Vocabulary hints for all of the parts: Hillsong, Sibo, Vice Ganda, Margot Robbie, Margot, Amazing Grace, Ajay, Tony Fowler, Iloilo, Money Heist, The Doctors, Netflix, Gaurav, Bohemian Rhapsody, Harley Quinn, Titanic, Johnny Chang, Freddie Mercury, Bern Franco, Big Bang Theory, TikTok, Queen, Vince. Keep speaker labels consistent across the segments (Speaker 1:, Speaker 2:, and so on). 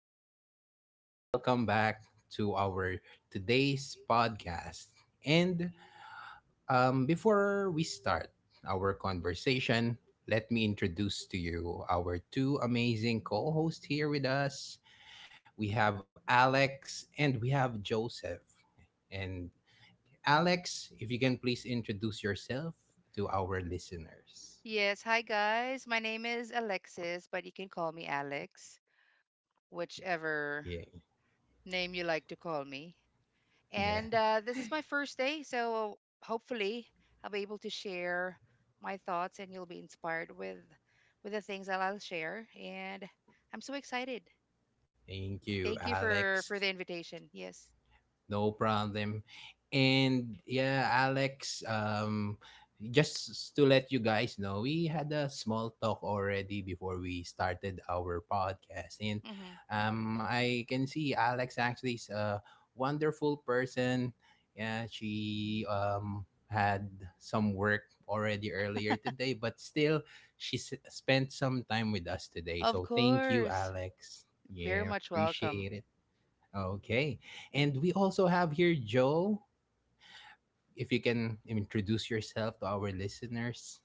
Speaker 1: everyone.
Speaker 2: everyone.
Speaker 1: Welcome back to our today's podcast. And Before we start our conversation, let me introduce to you our two amazing co hosts here with us. We have Alex and we have Joseph. And Alex, if you can please introduce yourself to our listeners.
Speaker 3: Yes, hi guys. My name is Alexis, but you can call me Alex, whichever
Speaker 1: Yeah.
Speaker 3: name you like to call me.
Speaker 1: Yeah.
Speaker 3: And this is my first day, so hopefully I'll be able to share my thoughts, and you'll be inspired with the things that I'll share. And I'm so excited.
Speaker 1: Thank you,
Speaker 3: Thank you for
Speaker 1: Alex.
Speaker 3: the invitation. Yes,
Speaker 1: No problem. And yeah, Alex, just to let you guys know, we had a small talk already before we started our podcast. And
Speaker 3: hmm
Speaker 1: I can see Alex actually is a wonderful person. Yeah, she had some work already earlier today, but still, she spent some time with us today.
Speaker 3: of
Speaker 1: So thank you,
Speaker 3: course,
Speaker 1: Alex.
Speaker 3: very
Speaker 1: Yeah,
Speaker 3: much welcome.
Speaker 1: appreciate it. Okay. And we also have here Joe. If you can introduce yourself to our listeners.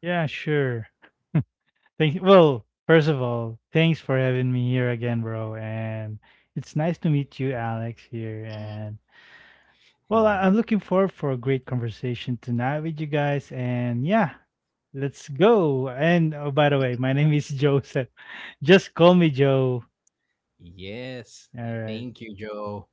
Speaker 2: Yeah, sure. Thank Well, first of all, thanks for having me here again, bro. And it's nice to meet you, Alex, here.
Speaker 3: Hmm
Speaker 2: And well, I'm looking forward for a great conversation tonight with you guys. And yeah, let's go. And oh, by the way, my name is Joseph. Just call me Joe.
Speaker 1: Yes.
Speaker 2: All right.
Speaker 1: Thank you, Joe.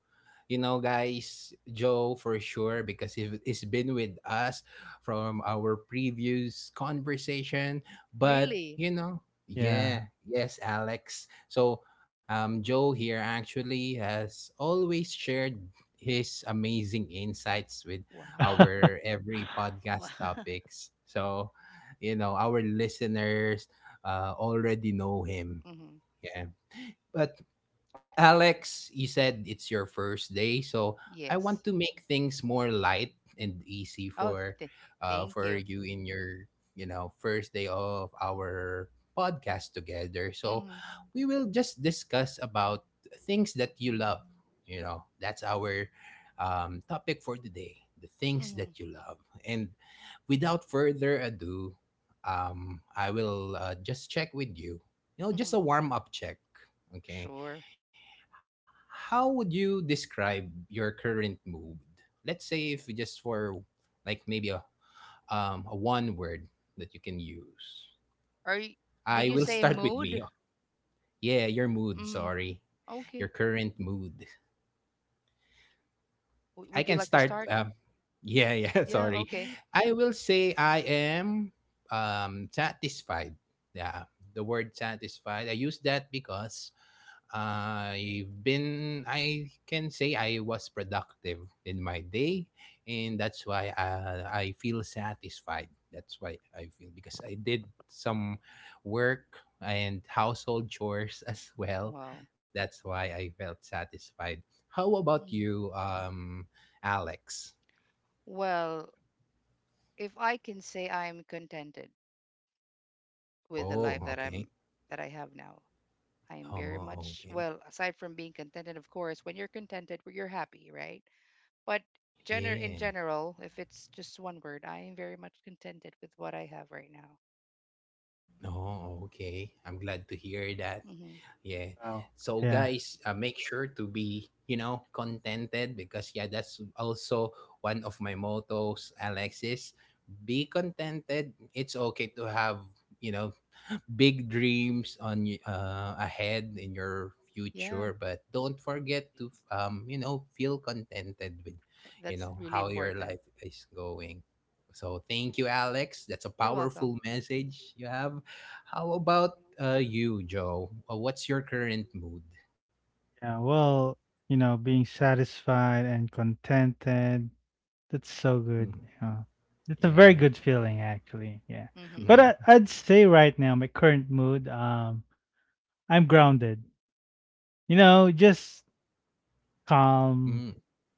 Speaker 1: You know, guys, Joe for sure, because he's been with us from our previous conversation. But,
Speaker 3: Really,
Speaker 1: you know,
Speaker 2: Yeah.
Speaker 1: yeah, yes, Alex. So, Joe here actually has always shared his amazing insights with
Speaker 3: wow.
Speaker 1: our every podcast topics. So, you know, our listeners already know him.
Speaker 3: hmm
Speaker 1: Yeah. But Alex, you said it's your first day, so I want
Speaker 3: Yes.
Speaker 1: to make things more light and easy
Speaker 3: Oh, thank
Speaker 1: for
Speaker 3: you.
Speaker 1: you in your, you know, first day of our podcast together. So
Speaker 3: Mhm.
Speaker 1: we will just discuss about things that you love, you know. That's our topic for today, the things
Speaker 3: Mhm.
Speaker 1: that you love. And without further ado, I will just check with you. You know, just
Speaker 3: Mhm.
Speaker 1: a warm up check, okay?
Speaker 3: Sure.
Speaker 1: How would you describe your current mood? Let's say if just for like maybe a one word that you can use.
Speaker 3: Are you, did
Speaker 1: I
Speaker 3: you
Speaker 1: will
Speaker 3: say
Speaker 1: start with
Speaker 3: mood?
Speaker 1: me. Yeah, your mood,
Speaker 3: Mhm.
Speaker 1: sorry. Your
Speaker 3: Okay.
Speaker 1: current mood.
Speaker 3: W-
Speaker 1: I
Speaker 3: would you
Speaker 1: can
Speaker 3: like to
Speaker 1: start
Speaker 3: start?
Speaker 1: yeah, yeah,
Speaker 3: Yeah,
Speaker 1: sorry.
Speaker 3: okay.
Speaker 1: I will say I am satisfied. Yeah, the word satisfied. I use that because I can say I was productive in my day, and that's why I feel satisfied. That's why I feel because I did some work and household chores as well.
Speaker 3: Wow.
Speaker 1: That's why I felt satisfied. How about
Speaker 3: Mm.
Speaker 1: you, Alex?
Speaker 3: Well, if I can say I'm contented with the life
Speaker 1: Oh,
Speaker 3: that I'm
Speaker 1: okay.
Speaker 3: that I have now. I'm very
Speaker 1: Oh,
Speaker 3: much
Speaker 1: okay.
Speaker 3: well, aside from being contented, of course, when you're contented, you're happy, right? But gener
Speaker 1: Yeah.
Speaker 3: in general, if it's just one word, I am very much contented with what I have right now.
Speaker 1: Oh, okay. I'm glad to hear that.
Speaker 3: Mhm.
Speaker 1: Yeah.
Speaker 2: Wow.
Speaker 1: So
Speaker 2: Yeah.
Speaker 1: guys, make sure to be, you know, contented because yeah, that's also one of my mottos, Alexis. Be contented. It's okay to have, you know, big dreams on ahead in your
Speaker 3: Yeah.
Speaker 1: future, but don't forget to you know feel contented with you
Speaker 3: That's
Speaker 1: know
Speaker 3: really
Speaker 1: how your
Speaker 3: important.
Speaker 1: life is going. So thank you, Alex, that's a
Speaker 3: You're welcome.
Speaker 1: powerful message you have. How about you, Joe, what's your current mood?
Speaker 2: Yeah, well, you know, being satisfied and contented, that's so good.
Speaker 1: Mhm.
Speaker 2: Yeah. That's a
Speaker 1: Yeah.
Speaker 2: very good feeling actually. Yeah.
Speaker 3: Hmm.
Speaker 2: But
Speaker 1: Mhm.
Speaker 2: I'd say right now my current mood. I'm grounded. You know, just
Speaker 1: Mm.
Speaker 2: calm,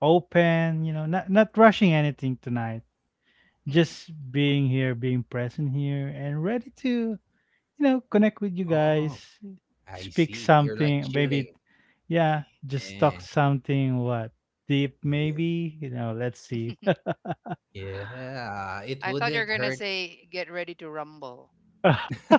Speaker 2: open, you know, not rushing anything tonight.
Speaker 3: Hmm.
Speaker 2: Just being here, being present here and ready to you know, connect with you guys,
Speaker 1: Oh, I
Speaker 2: speak
Speaker 1: see, you're like
Speaker 2: something, maybe,
Speaker 1: chilling.
Speaker 2: yeah, just talk
Speaker 1: Yeah.
Speaker 2: something, what, deep,
Speaker 1: Yeah.
Speaker 2: maybe, you know, let's see.
Speaker 1: Yeah, it
Speaker 3: I thought you were
Speaker 1: wouldn't
Speaker 3: gonna
Speaker 1: hurt.
Speaker 3: say get ready to rumble.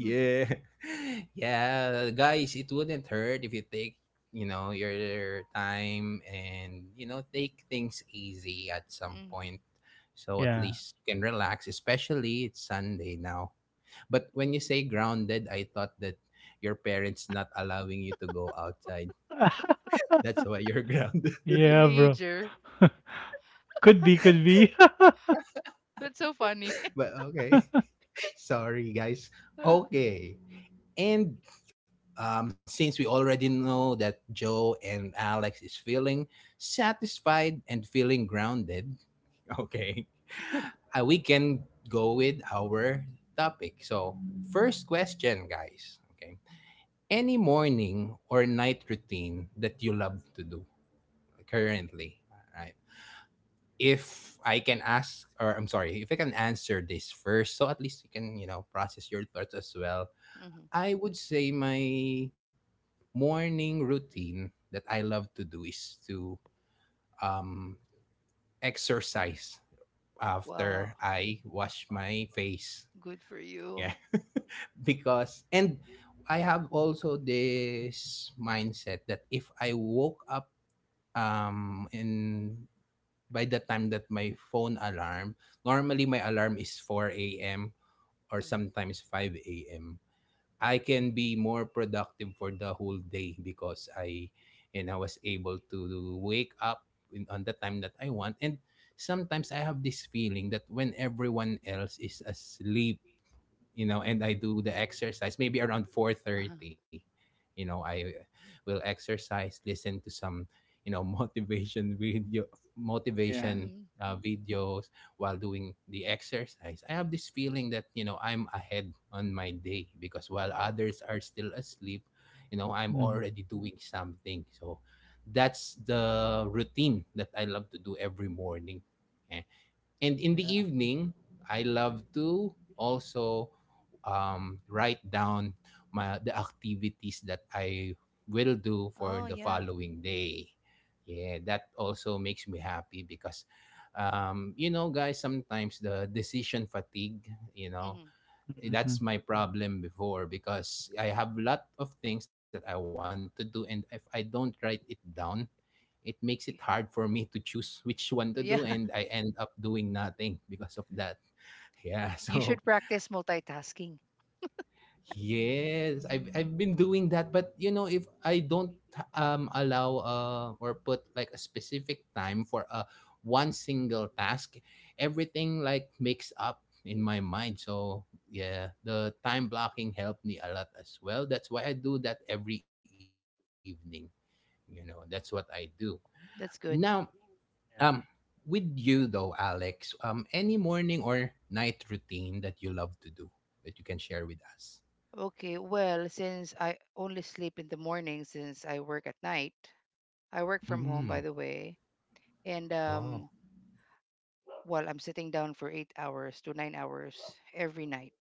Speaker 1: Yeah. Yeah guys, it wouldn't hurt if you take you know your time and you know take things easy at some point,
Speaker 3: Mm-hmm.
Speaker 1: so at
Speaker 2: Yeah.
Speaker 1: least you can relax, especially it's Sunday now. But when you say
Speaker 3: Hmm.
Speaker 1: grounded, I thought that your parents not allowing you to go outside, that's why you're grounded.
Speaker 2: Yeah, bro.
Speaker 3: Teenager.
Speaker 2: Could be, could be.
Speaker 3: That's so funny.
Speaker 1: But okay. Sorry guys. Okay. and Since we already know that Joe and Alex is feeling satisfied and feeling grounded, okay, we can go with our topic. So, first question, guys. Okay, any morning or night routine that you love to do currently, right? If I can ask, or I'm sorry, if I can answer this first, so at least you can, you know, process your thoughts as well.
Speaker 3: Hmm.
Speaker 1: I would say my morning routine that I love to do is to um, exercise after
Speaker 3: Wow.
Speaker 1: I wash my face.
Speaker 3: Good for you.
Speaker 1: Yeah. because, and I have also this mindset that if I woke up in by the time that my phone alarm, normally my alarm is 4 a.m. or
Speaker 3: Mm.
Speaker 1: sometimes 5 a.m., I can be more productive for the whole day because I and I was able to wake up on the time that I want, and sometimes I have this feeling that when everyone else is asleep, you know, and I do the exercise maybe around
Speaker 3: Uh-huh.
Speaker 1: 4:30. You know, I will exercise, listen to some, you know,
Speaker 2: Yeah.
Speaker 1: motivation
Speaker 3: Hmm.
Speaker 1: videos while doing the exercise. I have this feeling that, you know, I'm ahead on my day because while
Speaker 3: Wow.
Speaker 1: others are still asleep, you know, I'm
Speaker 2: Mm,
Speaker 1: already doing something. So that's the routine that I love to do every morning. Eh, and in the
Speaker 2: yeah.
Speaker 1: evening, I love to also write down my the activities that I will do for
Speaker 3: Oh
Speaker 1: the
Speaker 3: yeah.
Speaker 1: following day. Yeah, that also makes me happy because you know, guys, sometimes the decision fatigue, you know,
Speaker 3: Hmm.
Speaker 2: Hmm.
Speaker 1: that's my problem before because I have a lot of things that I want to do, and if I don't write it down, it makes it hard for me to choose which one to do,
Speaker 3: Yeah.
Speaker 1: and I end up doing nothing because of that. Yeah,
Speaker 3: You
Speaker 1: so
Speaker 3: should practice multitasking.
Speaker 1: yes, I've been doing that, but you know if I don't allow or put like a specific time for a one single task, everything like makes up in my mind. So yeah, the time blocking helped me a lot as well. That's why I do that every evening. You know, that's what I do. Now
Speaker 3: That's good.
Speaker 1: um,
Speaker 2: Yeah.
Speaker 1: with you though, Alex, any morning or night routine that you love to do that you can share with us?
Speaker 3: Okay, well, since I only sleep in the morning since I work at night, I work from
Speaker 1: Mm.
Speaker 3: home, by the way, and
Speaker 1: Oh,
Speaker 3: while I'm sitting down for 8 hours to 9 hours every night.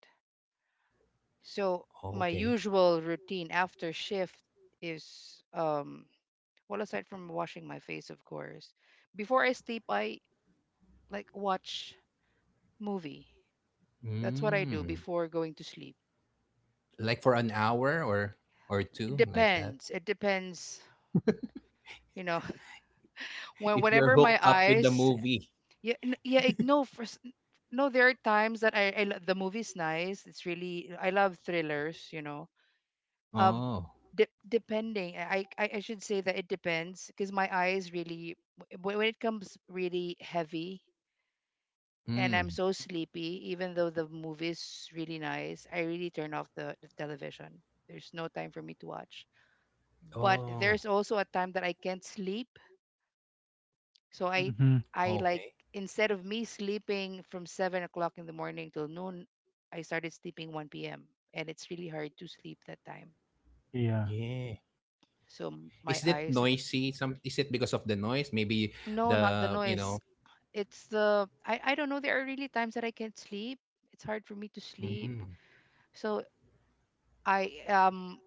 Speaker 3: So my
Speaker 1: okay.
Speaker 3: usual routine after shift is well, aside from washing my face of course, before I sleep I like watch movie. That's what I do
Speaker 1: Mm.
Speaker 3: before going to sleep.
Speaker 1: Like for an hour or
Speaker 3: It
Speaker 1: two, like that.
Speaker 3: depends. It depends, you know,
Speaker 1: If you're
Speaker 3: whenever my
Speaker 1: hooked up with the
Speaker 3: eyes
Speaker 1: movie.
Speaker 3: yeah, n- yeah. it- No, for, s- no. There are times that I, the movie's nice. It's really I love thrillers, you know. um
Speaker 1: Oh.
Speaker 3: Depending, I should say that it depends because my eyes really when it comes really heavy and I'm
Speaker 1: Mm.
Speaker 3: so sleepy even though the movie is really nice, I really turn off the television. There's no time for me to watch, but there's
Speaker 1: Oh.
Speaker 3: also a time that I can't sleep. so i
Speaker 2: Hmm.
Speaker 3: i like,
Speaker 1: Okay.
Speaker 3: instead of me sleeping from 7 o'clock in the morning till noon, I started sleeping 1 p.m, and it's really hard to sleep that time.
Speaker 2: Yeah.
Speaker 1: Yeah.
Speaker 3: So my
Speaker 1: Is it
Speaker 3: eyes.
Speaker 1: noisy? Some is it because of the noise? Maybe
Speaker 3: No, not the
Speaker 1: the you
Speaker 3: noise.
Speaker 1: know.
Speaker 3: It's the, I don't know. There are really times that I can't sleep. It's hard for me to sleep.
Speaker 1: Mm.
Speaker 3: So I,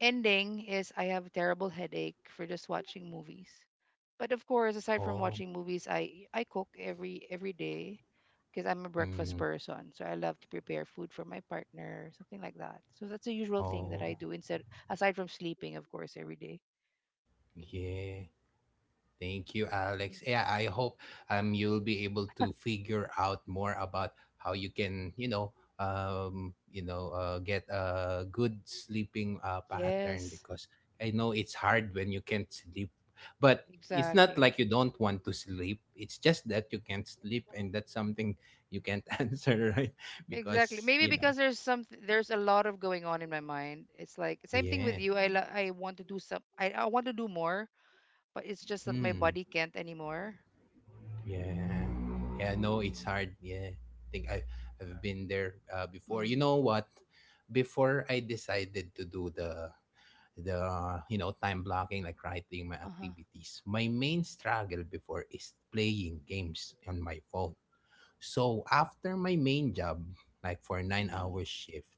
Speaker 3: ending is I have a terrible headache for just watching movies. But of course, aside from
Speaker 1: Oh.
Speaker 3: watching movies, I cook every day because I'm a breakfast
Speaker 1: Mm.
Speaker 3: person. So I love to prepare food for my partner, something like that. So that's a usual thing that I
Speaker 1: Oh.
Speaker 3: do instead, aside from sleeping, of course, every day.
Speaker 1: Yeah. Thank you, Alex. Yeah, I hope you'll be able to figure out more about how you can, you know, get a good sleeping pattern,
Speaker 3: Yes,
Speaker 1: because I know it's hard when you can't sleep, but it's not
Speaker 3: exactly.
Speaker 1: like you don't want to sleep. It's just that you can't sleep, and that's something you can't answer, right?
Speaker 3: Exactly.
Speaker 1: Because
Speaker 3: Maybe
Speaker 1: you know,
Speaker 3: because there's some, there's a lot of going on in my mind. It's like same thing with
Speaker 1: yeah.
Speaker 3: you. I want to do some, I want to do more, but it's just that my
Speaker 1: Hmm.
Speaker 3: body can't anymore.
Speaker 1: Yeah. Yeah, no, it's hard. Yeah. I think I've been there before. You
Speaker 3: Mm.
Speaker 1: know what? Before I decided to do the you know time blocking, like writing my
Speaker 3: Uh-huh.
Speaker 1: activities. My main struggle before is playing games on my phone. So after my main job, like for 9
Speaker 3: Mm.
Speaker 1: hours shift,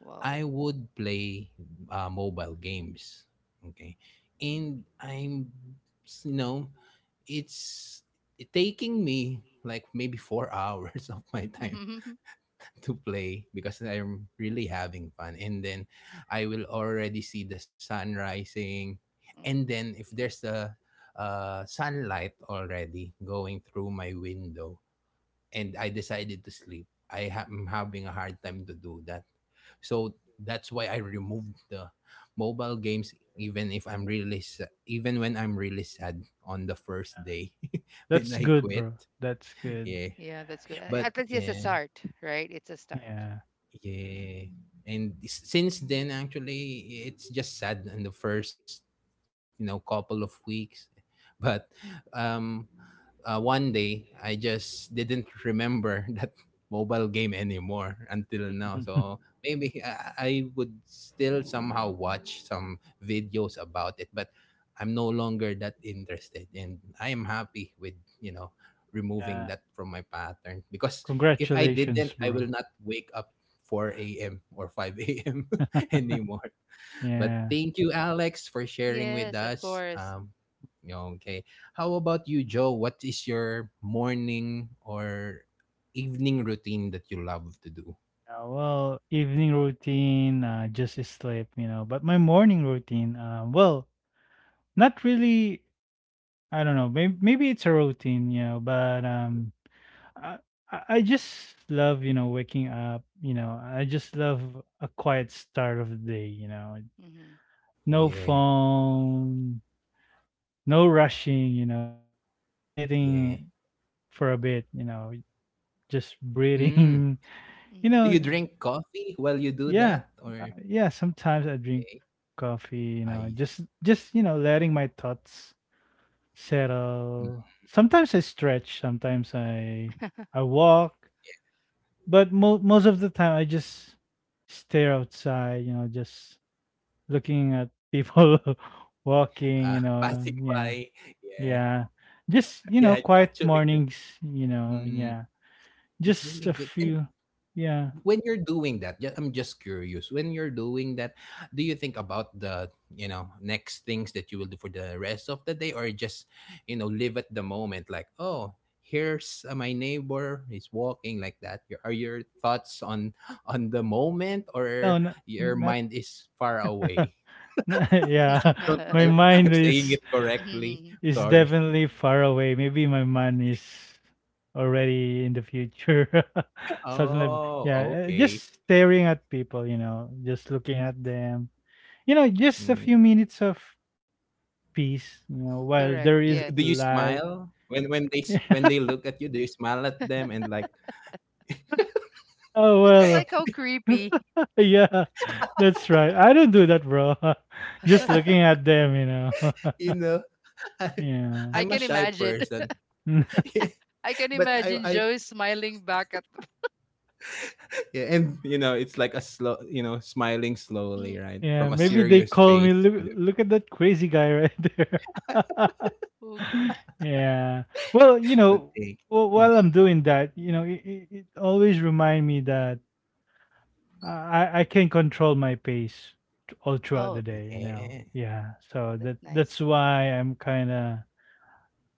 Speaker 3: Wow.
Speaker 1: I would play mobile games. Okay. And I'm you know it's taking me like maybe 4 hours of my time to play because I'm really having fun. And then I will already see the sun rising. And
Speaker 3: Mm.
Speaker 1: then if there's sunlight already going through my window and I decided to sleep, I am having a hard time to do that. So that's why I removed the mobile games, even if I'm really even when I'm really sad on the first day when
Speaker 2: That's
Speaker 1: I
Speaker 2: good,
Speaker 1: quit.
Speaker 2: bro. That's good.
Speaker 1: Yeah.
Speaker 3: Yeah, that's good.
Speaker 1: But
Speaker 3: At least it's a
Speaker 1: yeah,
Speaker 3: start, right? It's a start.
Speaker 2: Yeah.
Speaker 1: yeah. And since then, actually, it's just sad in the first, you know, couple of weeks. But um, one day, I just didn't remember that mobile game anymore until now. So maybe I would still somehow watch some videos about it, but I'm no longer that interested. And I am happy with, you know, removing
Speaker 2: Yeah.
Speaker 1: that from my pattern, because if I didn't,
Speaker 2: Congratulations,
Speaker 1: I
Speaker 2: bro.
Speaker 1: will not wake up 4 a.m. or 5 a.m. anymore. But
Speaker 2: Yeah.
Speaker 1: thank you, Alex, for sharing with
Speaker 3: Yes, of
Speaker 1: us.
Speaker 3: course.
Speaker 1: Okay. How about you, Joe? What is your morning or evening routine that you love to do?
Speaker 2: Yeah, well, evening routine, just sleep, you know. But my morning routine, well, not really. I don't know. Maybe, maybe it's a routine, you know. But I I just love you know waking up. You know, I just love a quiet start of the day. You know,
Speaker 3: Mhm.
Speaker 2: no
Speaker 1: Yeah.
Speaker 2: phone, no rushing. You know, just
Speaker 1: Yeah.
Speaker 2: sitting for a bit. You know, just
Speaker 1: Mm.
Speaker 2: breathing. You
Speaker 1: Do
Speaker 3: Mhm.
Speaker 1: you
Speaker 2: know,
Speaker 1: drink coffee while you do
Speaker 2: yeah.
Speaker 1: that? Or,
Speaker 2: Yeah, sometimes I drink
Speaker 1: okay.
Speaker 2: coffee, you know,
Speaker 1: I.
Speaker 2: you know, letting my thoughts
Speaker 1: Mm.
Speaker 2: settle. Sometimes I stretch, sometimes I walk, but most of the time I just stare outside, you know, just looking at people walking, you know.
Speaker 1: Passing
Speaker 2: Yeah.
Speaker 1: by. Yeah.
Speaker 2: Yeah. Just, you
Speaker 1: Yeah,
Speaker 2: know,
Speaker 1: it's
Speaker 2: quiet
Speaker 1: actually good.
Speaker 2: mornings, you know,
Speaker 1: Mm,
Speaker 2: yeah.
Speaker 1: it's
Speaker 2: Just
Speaker 1: really
Speaker 2: a
Speaker 1: good. And
Speaker 2: few. Yeah.
Speaker 1: when you're doing that I'm just curious, when you're doing that, do you think about the you know next things that you will do for the rest of the day, or just you know live at the moment, like oh here's my neighbor is walking, like that? Your, are your thoughts on the moment,
Speaker 2: No,
Speaker 1: or your
Speaker 2: not
Speaker 1: mind is far away?
Speaker 2: yeah,
Speaker 3: Mhm.
Speaker 1: I don't know
Speaker 2: my
Speaker 1: if
Speaker 2: mind
Speaker 1: I'm saying it correctly,
Speaker 2: is
Speaker 1: sorry.
Speaker 2: definitely far away. Maybe my mind is already in the future. Something like
Speaker 1: Oh
Speaker 2: yeah,
Speaker 1: okay.
Speaker 2: just staring at people, you know, just looking at them. You know, just a
Speaker 1: Mm.
Speaker 2: few minutes of peace, you know, while
Speaker 3: Correct.
Speaker 2: there
Speaker 1: Do
Speaker 2: is
Speaker 1: you
Speaker 3: Yes.
Speaker 2: light.
Speaker 1: smile when they when they look at you, do you smile at them and like
Speaker 2: Oh
Speaker 3: It's
Speaker 2: well,
Speaker 3: like how creepy.
Speaker 2: yeah, that's right. I don't do that, bro. Just looking at them, you know.
Speaker 1: you know I,
Speaker 2: Yeah.
Speaker 3: I
Speaker 1: I'm a
Speaker 3: can
Speaker 1: shy
Speaker 3: imagine.
Speaker 1: person. Yeah,
Speaker 3: I can
Speaker 1: but i
Speaker 3: imagine
Speaker 1: i
Speaker 3: Joe smiling back at.
Speaker 1: yeah, and you know it's like a slow you know smiling slowly
Speaker 3: Mm.
Speaker 1: right
Speaker 2: Yeah,
Speaker 1: from a
Speaker 2: maybe they
Speaker 1: serious
Speaker 2: call me.
Speaker 1: face
Speaker 2: Look,
Speaker 1: and
Speaker 2: look at that crazy guy right there.
Speaker 3: Oh god.
Speaker 2: Yeah. Well, you
Speaker 1: the
Speaker 2: know,
Speaker 1: thing. Mm.
Speaker 2: while I'm doing that, you know, it always remind me that I can control my pace all throughout the
Speaker 3: Oh,
Speaker 2: day. You know.
Speaker 1: Yeah.
Speaker 2: Yeah.
Speaker 3: oh,
Speaker 2: So that
Speaker 3: that's
Speaker 2: that's
Speaker 3: nice.
Speaker 2: why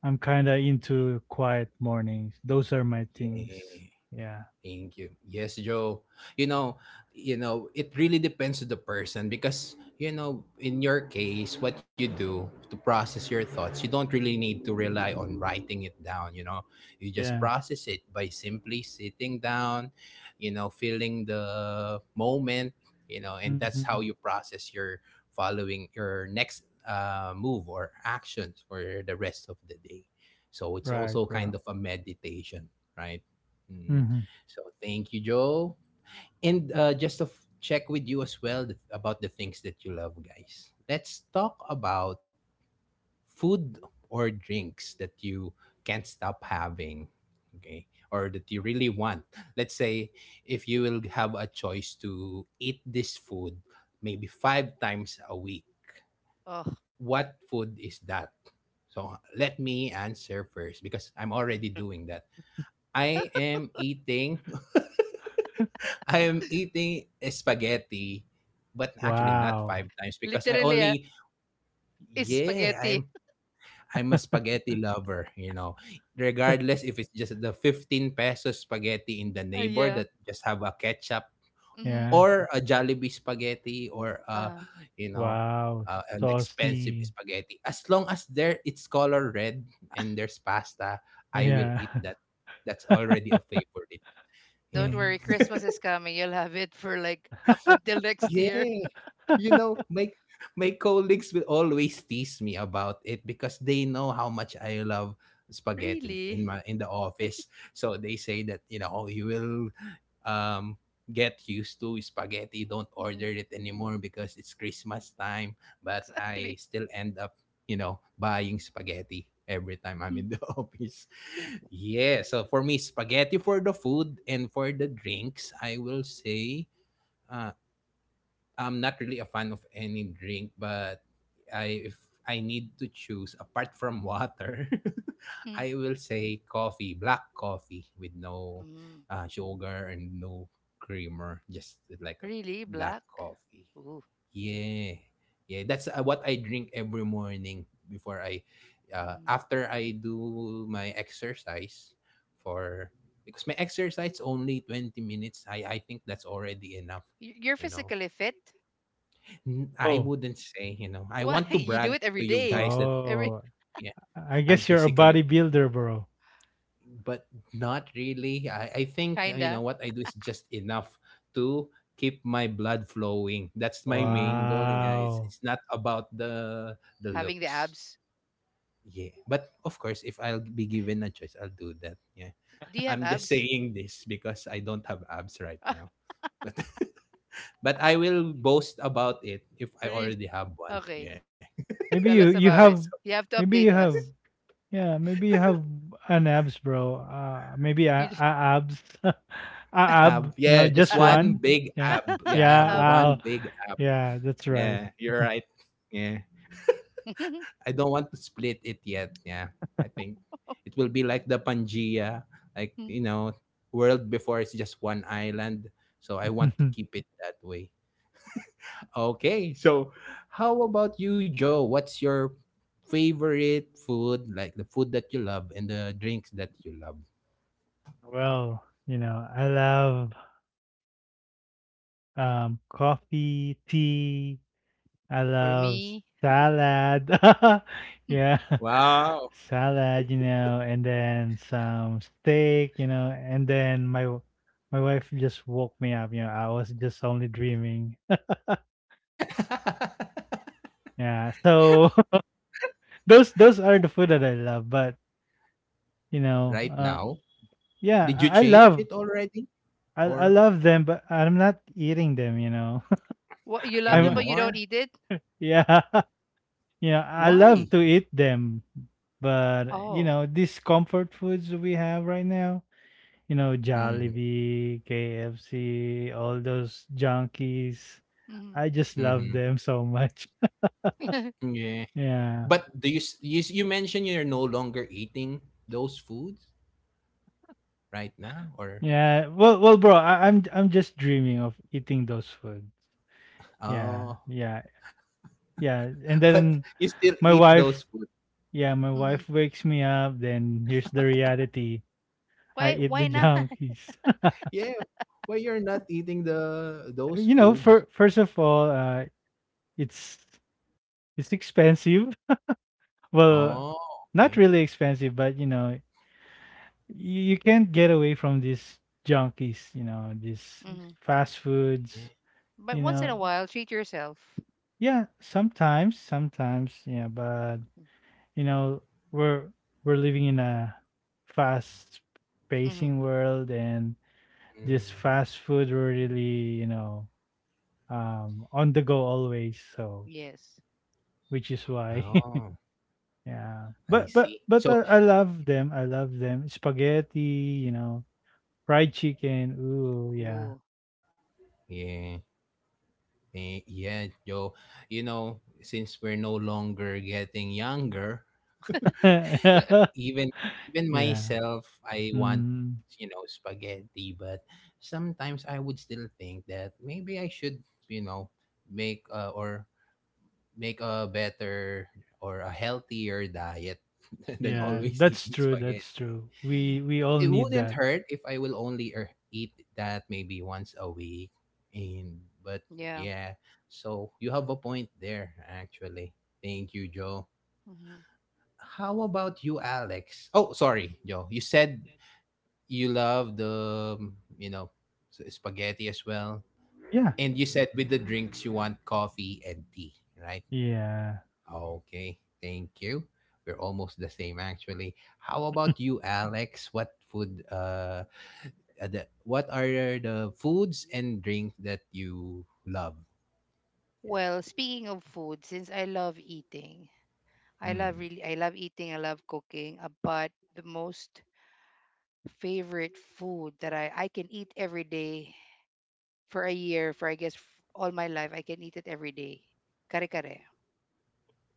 Speaker 2: I'm kind of into quiet mornings. Those are my things.
Speaker 1: Yeah.
Speaker 2: Yeah.
Speaker 1: Thank you. Yes, Joe. You know, you know, it really depends to the person because you know, in your case, what you do to process your thoughts, you don't really need to rely on writing it down, you know. You just
Speaker 2: Yeah.
Speaker 3: Hmm.
Speaker 1: process it by simply sitting down, feeling the moment, and that's how
Speaker 2: Hmm.
Speaker 1: you process your following your next move or actions for the rest of the day. So it's
Speaker 2: Right,
Speaker 1: also
Speaker 2: bro.
Speaker 1: kind of a meditation, right? Mm.
Speaker 2: Hmm.
Speaker 1: So thank you, Joe. And just to check with you as well about the things that you love, guys. Let's talk about food or drinks that you can't stop having, okay, or that you really want. Let's say if you will have a choice to eat this food maybe five times a week,
Speaker 3: Oh,
Speaker 1: what food is that? So let me answer first because I'm
Speaker 3: mm.
Speaker 1: already doing that. I am eating. I am eating spaghetti, but actually not
Speaker 2: Wow.
Speaker 1: five times because I
Speaker 3: Literally,
Speaker 1: only
Speaker 3: it's
Speaker 1: yeah,
Speaker 3: spaghetti.
Speaker 1: I'm I'm a spaghetti lover, you know. Regardless if it's just the 15 pesos spaghetti in the neighbor
Speaker 3: Yeah.
Speaker 1: that just have a ketchup
Speaker 3: Mm-hmm.
Speaker 2: Yeah.
Speaker 1: or a Jollibee spaghetti or
Speaker 3: Uh,
Speaker 2: Wow,
Speaker 1: an expensive
Speaker 2: saucy.
Speaker 1: spaghetti. As long as there it's color red and there's pasta, I will
Speaker 2: Yeah.
Speaker 1: eat that. That's already a favorite.
Speaker 3: don't
Speaker 1: Yeah.
Speaker 3: worry,
Speaker 2: Mhm.
Speaker 3: Christmas is coming. You'll have it for like up until next year.
Speaker 1: Yeah. You know, my colleagues will always tease me about it because they know how much I love spaghetti in
Speaker 3: Really?
Speaker 1: my in the office. So they say that, you know, "Oh, you will um get used to spaghetti, don't
Speaker 3: Mm-hmm.
Speaker 1: order it anymore because it's Christmas time, but I
Speaker 3: Exactly.
Speaker 1: still end up, buying spaghetti every time I'm in the office. Yeah, so for me spaghetti for the food and for the drinks, I will say uh, I'm not really a fan of any drink, but I if I need to choose apart from water,
Speaker 3: Mm-hmm.
Speaker 1: I will say coffee, black coffee with no
Speaker 3: Mm.
Speaker 1: sugar and no creamer, just like a
Speaker 3: Really,
Speaker 1: black
Speaker 3: black?
Speaker 1: coffee.
Speaker 3: Ooh.
Speaker 1: Yeah. Yeah, that's what I drink every morning before I
Speaker 3: Mm.
Speaker 1: after I do my exercise for because my exercise only 20 minutes. I think that's already enough,
Speaker 3: Y- You're
Speaker 1: you know.
Speaker 3: physically fit?
Speaker 1: I
Speaker 2: Oh,
Speaker 1: wouldn't say, you know, I
Speaker 3: Why?
Speaker 1: want to
Speaker 3: You do
Speaker 1: brag
Speaker 3: it
Speaker 1: to
Speaker 3: every
Speaker 1: you guys
Speaker 3: day.
Speaker 1: that
Speaker 3: Every.
Speaker 2: oh.
Speaker 1: yeah,
Speaker 2: I
Speaker 1: I'm
Speaker 2: guess you're a
Speaker 1: physically,
Speaker 2: bodybuilder, bro.
Speaker 1: but not really. I think, you know,
Speaker 3: Kinda.
Speaker 1: what I do is just enough to keep my blood flowing. That's my
Speaker 3: Ah,
Speaker 1: main goal.
Speaker 3: okay.
Speaker 1: Yeah, it's,
Speaker 2: Wow.
Speaker 1: it's not about the
Speaker 3: Having the
Speaker 1: looks.
Speaker 3: abs.
Speaker 1: Yeah. But of course, if I'll be given a choice, I'll do that. Yeah.
Speaker 3: Do you have
Speaker 1: I'm just
Speaker 3: abs?
Speaker 1: saying this because I don't have abs right
Speaker 3: Ah,
Speaker 1: now. But but I will boast about it if I
Speaker 3: really?
Speaker 1: already have one.
Speaker 3: Okay.
Speaker 1: Yeah.
Speaker 2: Maybe
Speaker 3: Tell
Speaker 2: you
Speaker 3: us
Speaker 2: you
Speaker 3: about it.
Speaker 2: have
Speaker 3: You have to
Speaker 2: maybe you
Speaker 3: update
Speaker 2: have
Speaker 3: us.
Speaker 2: yeah, maybe you have an abs, bro. Maybe
Speaker 3: You
Speaker 2: a
Speaker 3: just,
Speaker 2: abs. A ab.
Speaker 1: Ab,
Speaker 2: No,
Speaker 1: yeah, just
Speaker 2: just
Speaker 3: uh,
Speaker 1: one
Speaker 2: one.
Speaker 1: big
Speaker 2: Yeah.
Speaker 1: ab.
Speaker 3: uh,
Speaker 1: Yeah, I have
Speaker 2: Yeah,
Speaker 3: um,
Speaker 1: one
Speaker 2: I'll,
Speaker 1: big ab.
Speaker 2: yeah, that's right.
Speaker 1: Yeah, you're right. Yeah. I don't want to split it yet. Yeah. I think it will be like the Pangea, like, you know, world before it's just one island. So I want to keep it that way. Okay. So how about you, Joe? What's your favorite food, like the food that you love and the drinks that you love?
Speaker 2: Well, you know, I love um, coffee, tea, I
Speaker 3: for
Speaker 2: love
Speaker 3: me,
Speaker 2: salad. Yeah.
Speaker 1: Wow.
Speaker 2: Salad, you know, and then some steak, you know, and then my wife just woke me up, you know, I was just only dreaming. Yeah. So those are the food that I love, but you know,
Speaker 1: Right now.
Speaker 3: mhm.
Speaker 1: Did
Speaker 2: yeah,
Speaker 1: you
Speaker 2: I
Speaker 1: change it
Speaker 2: love
Speaker 1: already?
Speaker 2: I
Speaker 1: Or
Speaker 2: love them, but I'm not eating them, you know.
Speaker 3: What, you love them
Speaker 2: I'm
Speaker 3: but you
Speaker 1: anymore?
Speaker 3: don't eat it.
Speaker 2: yeah. You know, I
Speaker 1: Why?
Speaker 2: love to eat them, but you
Speaker 3: Oh,
Speaker 2: know, these comfort foods we have right now, you know, Jollibee, KFC, all those junkies.
Speaker 3: hmm.
Speaker 2: I just love
Speaker 1: Mm-hmm.
Speaker 2: them so much.
Speaker 1: Yeah.
Speaker 2: Yeah.
Speaker 1: But do you, s- you s- you mentioned you're no longer eating those foods right now or
Speaker 2: Yeah. Well, well, bro, I'm just dreaming of eating those foods. Yeah.
Speaker 1: oh,
Speaker 2: Yeah. Yeah. And
Speaker 1: but
Speaker 2: then
Speaker 1: you still
Speaker 2: my
Speaker 1: eat those
Speaker 2: wife,
Speaker 1: food.
Speaker 2: yeah, my wife wakes me up, then here's the reality. I
Speaker 3: Why?
Speaker 2: eat the
Speaker 3: Why not?
Speaker 2: junkies.
Speaker 1: Yeah. Why you're not eating the those
Speaker 2: You know,
Speaker 1: foods?
Speaker 2: for, first of all, it's it's expensive. Well,
Speaker 1: Oh,
Speaker 2: not
Speaker 1: okay.
Speaker 2: really expensive, but you know, you can't get away from these junkies, you know, these
Speaker 3: Hmm.
Speaker 2: fast foods,
Speaker 1: Yeah.
Speaker 3: But
Speaker 2: you
Speaker 3: once in
Speaker 2: know.
Speaker 3: a while, treat yourself.
Speaker 2: Yeah, sometimes, sometimes, yeah, but you know, we're we're living in a fast
Speaker 3: Hmm.
Speaker 2: pacing world and this fast
Speaker 1: Mm.
Speaker 2: food were really, you know, on the go always, so
Speaker 3: Yes.
Speaker 2: which is why
Speaker 1: Oh,
Speaker 2: yeah.
Speaker 1: I
Speaker 2: But
Speaker 1: see. So,
Speaker 2: I love them. I love them. Spaghetti, you know, fried chicken. Ooh, yeah.
Speaker 3: Ooh.
Speaker 1: yeah. Yeah, Joe. You know, since we're no longer getting younger, even even
Speaker 2: Yeah.
Speaker 1: myself I want
Speaker 2: Mm,
Speaker 1: spaghetti but sometimes I would still think that maybe I should you know make uh, or make a better or a healthier diet than
Speaker 2: yeah,
Speaker 3: Hmm.
Speaker 1: always
Speaker 2: that's
Speaker 1: eating
Speaker 2: true. That's
Speaker 1: spaghetti
Speaker 2: true. We all
Speaker 1: it
Speaker 2: need
Speaker 1: wouldn't
Speaker 2: that.
Speaker 1: hurt if I will only eat that maybe once a week and but
Speaker 3: Yeah.
Speaker 1: yeah so you have a point there actually thank you joe
Speaker 3: Hmm.
Speaker 1: how about you, Alex? Oh, sorry, Joe. You said you love the spaghetti as well.
Speaker 2: Yeah.
Speaker 1: And you said with the drinks, you want coffee and tea, right?
Speaker 2: Yeah.
Speaker 1: Okay, thank you. We're almost the same, actually. How about you, Alex? What are the foods and drink that you love?
Speaker 3: Well, speaking of food, since I love eating,
Speaker 1: Hmm.
Speaker 3: I love eating, I love cooking. But the most favorite food that I can eat every day for a year, for I guess all my life, I can eat it every day. Kare kare.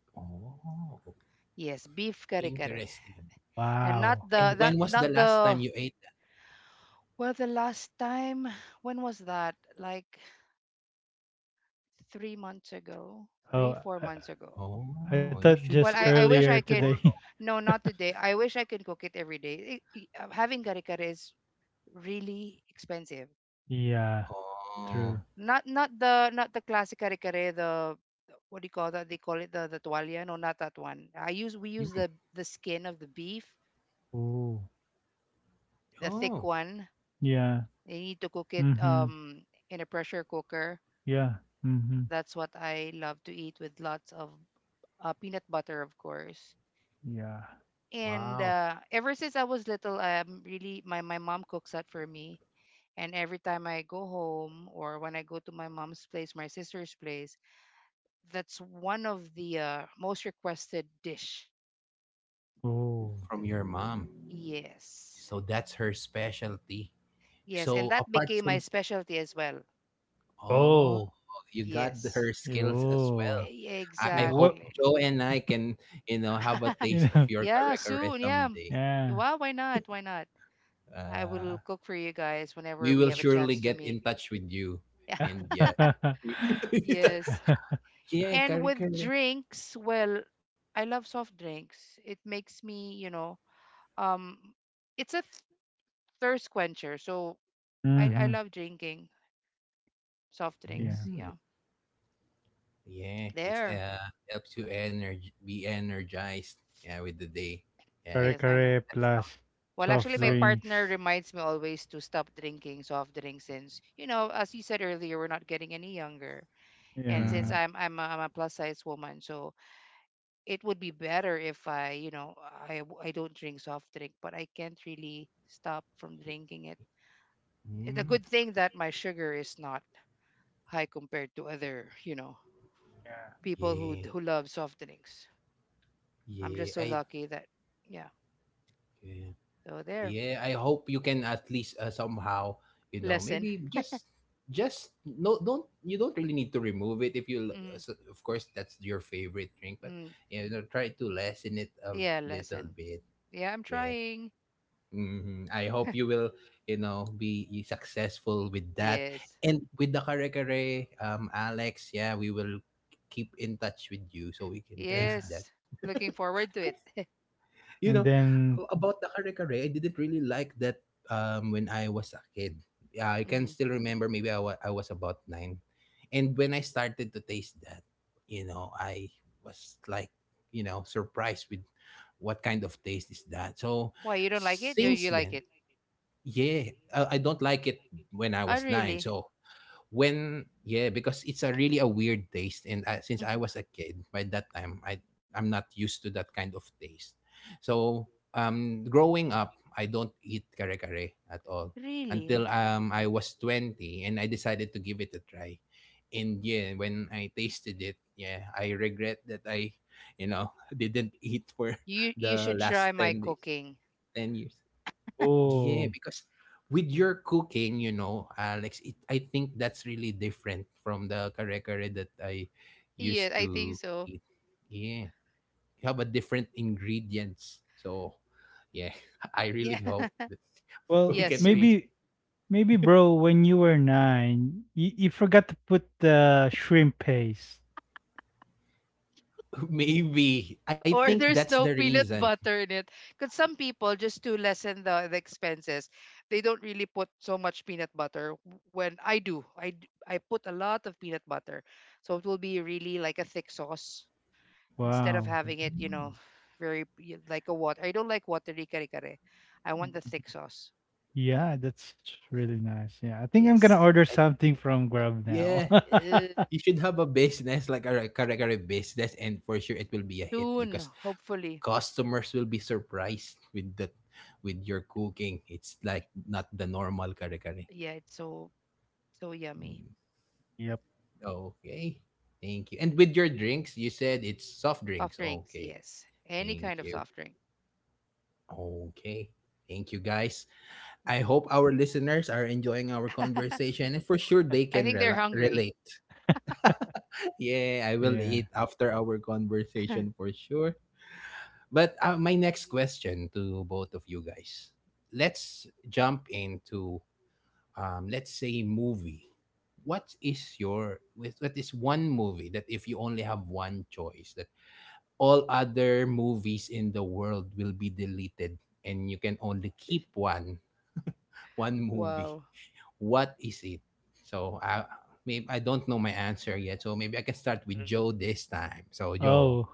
Speaker 1: Oh,
Speaker 3: Yes, beef kare kare.
Speaker 1: interesting.
Speaker 3: And not
Speaker 2: Wow.
Speaker 1: And
Speaker 3: the,
Speaker 1: when
Speaker 3: that
Speaker 1: was the
Speaker 3: not
Speaker 1: last time
Speaker 3: the,
Speaker 1: you ate?
Speaker 3: well, the last time, when was that? Like 3 months ago, three
Speaker 2: Oh,
Speaker 3: four months
Speaker 1: That?
Speaker 3: ago.
Speaker 1: Oh,
Speaker 2: I
Speaker 1: you should
Speaker 2: thought
Speaker 1: cook
Speaker 2: just
Speaker 3: Well,
Speaker 1: that.
Speaker 3: I wish
Speaker 2: earlier
Speaker 3: I can.
Speaker 2: today.
Speaker 3: No, not today. I wish I can cook it every day. Having kare kare is really expensive.
Speaker 2: Yeah,
Speaker 1: Oh,
Speaker 2: true.
Speaker 3: Not, not the classic kare-kare, what do you call that? They call it the tualia. No, not that one. I use we use
Speaker 1: hmm.
Speaker 3: the skin of the beef,
Speaker 2: Ooh.
Speaker 3: the thick
Speaker 1: Oh,
Speaker 3: one.
Speaker 2: Yeah.
Speaker 3: You need to cook it
Speaker 2: Mhm.
Speaker 3: in a pressure cooker.
Speaker 2: Yeah. Mhm.
Speaker 3: That's what I love to eat with lots of peanut butter, of course.
Speaker 2: Yeah.
Speaker 3: And
Speaker 1: wow.
Speaker 3: ever since I was little, really my mom cooks that for me. And every time I go home or when I go to my mom's place, my sister's place, that's one of the most requested dish.
Speaker 2: Oh.
Speaker 1: From
Speaker 3: that-
Speaker 1: your mom.
Speaker 3: Yes.
Speaker 1: So that's her specialty.
Speaker 3: Yes, and
Speaker 1: So
Speaker 3: that
Speaker 1: apart
Speaker 3: became my
Speaker 1: from,
Speaker 3: specialty as well.
Speaker 2: Yeah,
Speaker 1: oh,
Speaker 2: oh.
Speaker 1: you got
Speaker 3: Yes.
Speaker 1: her skills as well.
Speaker 2: Yo.
Speaker 1: I hope
Speaker 2: What
Speaker 3: Exactly.
Speaker 1: Joe and I can have a taste
Speaker 2: you
Speaker 1: of
Speaker 2: know?
Speaker 1: your
Speaker 3: Yeah,
Speaker 1: kare-kare
Speaker 3: soon. Yeah.
Speaker 1: someday.
Speaker 2: Yeah.
Speaker 3: Well, why not? Why not? I
Speaker 1: Uh,
Speaker 3: will cook for you guys whenever
Speaker 1: we
Speaker 3: we
Speaker 1: will
Speaker 3: have a
Speaker 1: surely
Speaker 3: chance to
Speaker 1: get
Speaker 3: meet.
Speaker 1: in touch with you.
Speaker 3: Yeah.
Speaker 1: And yeah.
Speaker 3: Yes.
Speaker 1: yeah,
Speaker 3: And with
Speaker 1: kare-kare.
Speaker 3: drinks, well, I love soft drinks. It makes me, you know, um, it's a thirst quencher. So I
Speaker 2: Mhm.
Speaker 3: love drinking. Soft drinks.
Speaker 2: Yeah.
Speaker 1: Mm,
Speaker 3: Yeah.
Speaker 1: yeah, it's
Speaker 3: There.
Speaker 1: helps you energy be energized yeah with the day. Yeah,
Speaker 3: Yes, I know.
Speaker 2: Kare-kare
Speaker 1: at some
Speaker 2: plus
Speaker 3: Well, actually,
Speaker 2: soft
Speaker 3: my
Speaker 1: subject.
Speaker 3: partner
Speaker 2: drinks.
Speaker 3: reminds me always to stop drinking soft drinks since, you know, as you said earlier, we're not getting any younger, and since
Speaker 1: Mm,
Speaker 2: Yeah.
Speaker 3: I'm a plus size woman, so it would be better if I, you know, I don't drink soft drink, but I can't really stop from drinking it. It's a
Speaker 1: mm,
Speaker 3: good thing that my sugar is not high compared to other, you know,
Speaker 2: Yeah.
Speaker 3: people
Speaker 1: yeah,
Speaker 3: who love soft drinks. I'm
Speaker 1: yeah.
Speaker 3: just so
Speaker 1: I
Speaker 2: Yeah.
Speaker 3: lucky that, yeah.
Speaker 1: yeah,
Speaker 3: So there,
Speaker 1: yeah. I hope you can at least somehow, you know,
Speaker 3: lesson.
Speaker 1: maybe just no don't you don't really need to remove it if you l-
Speaker 3: Mm-hmm.
Speaker 1: s- of course that's your favorite drink but
Speaker 3: Mm,
Speaker 1: try to lessen it a
Speaker 3: yeah,
Speaker 1: little
Speaker 3: lesson.
Speaker 1: bit
Speaker 3: Yeah, I'm
Speaker 1: yeah
Speaker 3: trying.
Speaker 1: Mhm. I hope you will be successful with that.
Speaker 3: Yes.
Speaker 1: And with the kare-kare, Alex, yeah, we will keep in touch with you so we can taste
Speaker 2: Yeah.
Speaker 1: that.
Speaker 3: Yes. Looking forward to it.
Speaker 1: You know,
Speaker 2: And then
Speaker 1: about the kare-kare, I didn't really like that when I was a kid. Yeah, I can
Speaker 3: Hmm.
Speaker 1: still remember maybe I was about 9. And when I started to taste that, I was like, surprised with what kind of taste is that. So
Speaker 3: Why you don't like it? Or
Speaker 1: since
Speaker 3: you like
Speaker 1: then,
Speaker 3: it?
Speaker 1: yeah, I don't like it when I
Speaker 3: Oh,
Speaker 1: was 9.
Speaker 3: really?
Speaker 1: So when yeah, because it's a really a weird taste, and since I
Speaker 3: Mhm.
Speaker 1: was a kid by that time, I'm not used to that kind of taste. So growing up, I don't eat kare kare at all
Speaker 3: Really?
Speaker 1: until I was 20, and I decided to give it a try. And yeah, when I tasted it, yeah, I regret that I didn't eat for
Speaker 3: You you
Speaker 1: the
Speaker 3: should try
Speaker 1: last
Speaker 3: my
Speaker 1: 10 days,
Speaker 3: cooking.
Speaker 1: 10 years. Yeah,
Speaker 2: oh,
Speaker 1: because with your cooking, you know, Alex, I think that's really different from the kare kare that I
Speaker 3: Yeah,
Speaker 1: used
Speaker 3: I think
Speaker 1: to
Speaker 3: so.
Speaker 1: eat. Yeah, you have a different ingredients. So, yeah, I really
Speaker 3: Yeah.
Speaker 1: hope that we
Speaker 2: well,
Speaker 3: Yeah,
Speaker 1: can
Speaker 3: soon.
Speaker 1: taste.
Speaker 2: maybe bro, when you were 9, you forgot to put the shrimp paste.
Speaker 1: Maybe I
Speaker 3: Or
Speaker 1: think that's
Speaker 3: there's
Speaker 1: the
Speaker 3: no peanut
Speaker 1: reason.
Speaker 3: butter in it. Because some people, just to lessen the expenses, they don't really put so much peanut butter. When I do, I put a lot of peanut butter. So it will be really like a thick sauce instead of
Speaker 2: Wow.
Speaker 3: having it, you
Speaker 1: Mm.
Speaker 3: know, like a water. I don't like watery kare kare. I want the thick
Speaker 2: Mhm.
Speaker 3: sauce.
Speaker 2: Yeah, that's really nice. Yeah. I think I'm gonna
Speaker 3: Yes.
Speaker 2: order
Speaker 1: I-
Speaker 2: something from Grub now.
Speaker 1: yeah,
Speaker 3: Uh,
Speaker 1: you should have a business like a kare kare business, and for sure it will be a hit
Speaker 3: soon,
Speaker 1: because
Speaker 3: hopefully.
Speaker 1: customers will be surprised with your cooking. It's like not the normal kare kare.
Speaker 3: Yeah, it's so so yummy.
Speaker 1: Mm,
Speaker 2: Yep.
Speaker 1: okay. Thank you. And with your drinks, you said it's soft
Speaker 3: Soft
Speaker 1: drinks.
Speaker 3: drinks,
Speaker 1: Okay.
Speaker 3: yes. Any
Speaker 1: Thank
Speaker 3: kind of
Speaker 1: you.
Speaker 3: soft drink.
Speaker 1: Okay. Thank you guys. I hope our listeners are enjoying our conversation and for sure they
Speaker 3: I
Speaker 1: can
Speaker 3: think they're hungry.
Speaker 1: relate. yeah, I will
Speaker 2: Yeah.
Speaker 1: eat after our conversation for sure. But my next question to both of you guys. Let's jump into let's say movie what is one movie that if you only have one choice that all other movies in the world will be deleted and you can only keep one movie
Speaker 3: Wow.
Speaker 1: what is it so I maybe I don't know my answer yet so maybe I can start with joe
Speaker 2: Mhm.
Speaker 1: this time so joe
Speaker 2: Oh.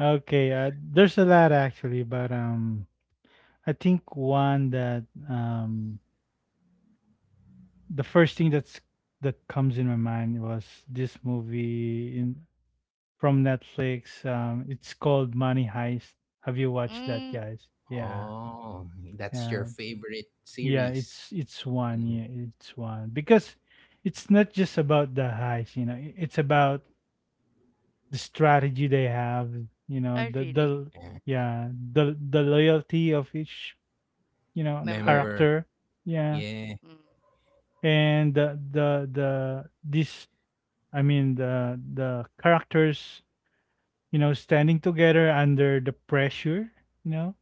Speaker 2: Okay, there's a lot actually, but I think one that um, the first thing that's that comes in my mind was this movie in from Netflix. It's called Money Heist. Have you watched that,
Speaker 3: Mm,
Speaker 2: guys? Yeah,
Speaker 1: oh that's your
Speaker 2: yeah,
Speaker 1: favorite
Speaker 2: yeah.
Speaker 1: series
Speaker 2: It's one.
Speaker 1: Mhm.
Speaker 2: Yeah, it's one because it's not just about the heist. You know, it's about the strategy they have. You know,
Speaker 3: I really
Speaker 2: the
Speaker 1: yeah.
Speaker 2: yeah the loyalty of each you know,
Speaker 3: remember.
Speaker 1: remember
Speaker 2: character. Yeah.
Speaker 1: yeah
Speaker 3: Mm,
Speaker 2: And the this I mean the characters, you know, standing together under the pressure, you know.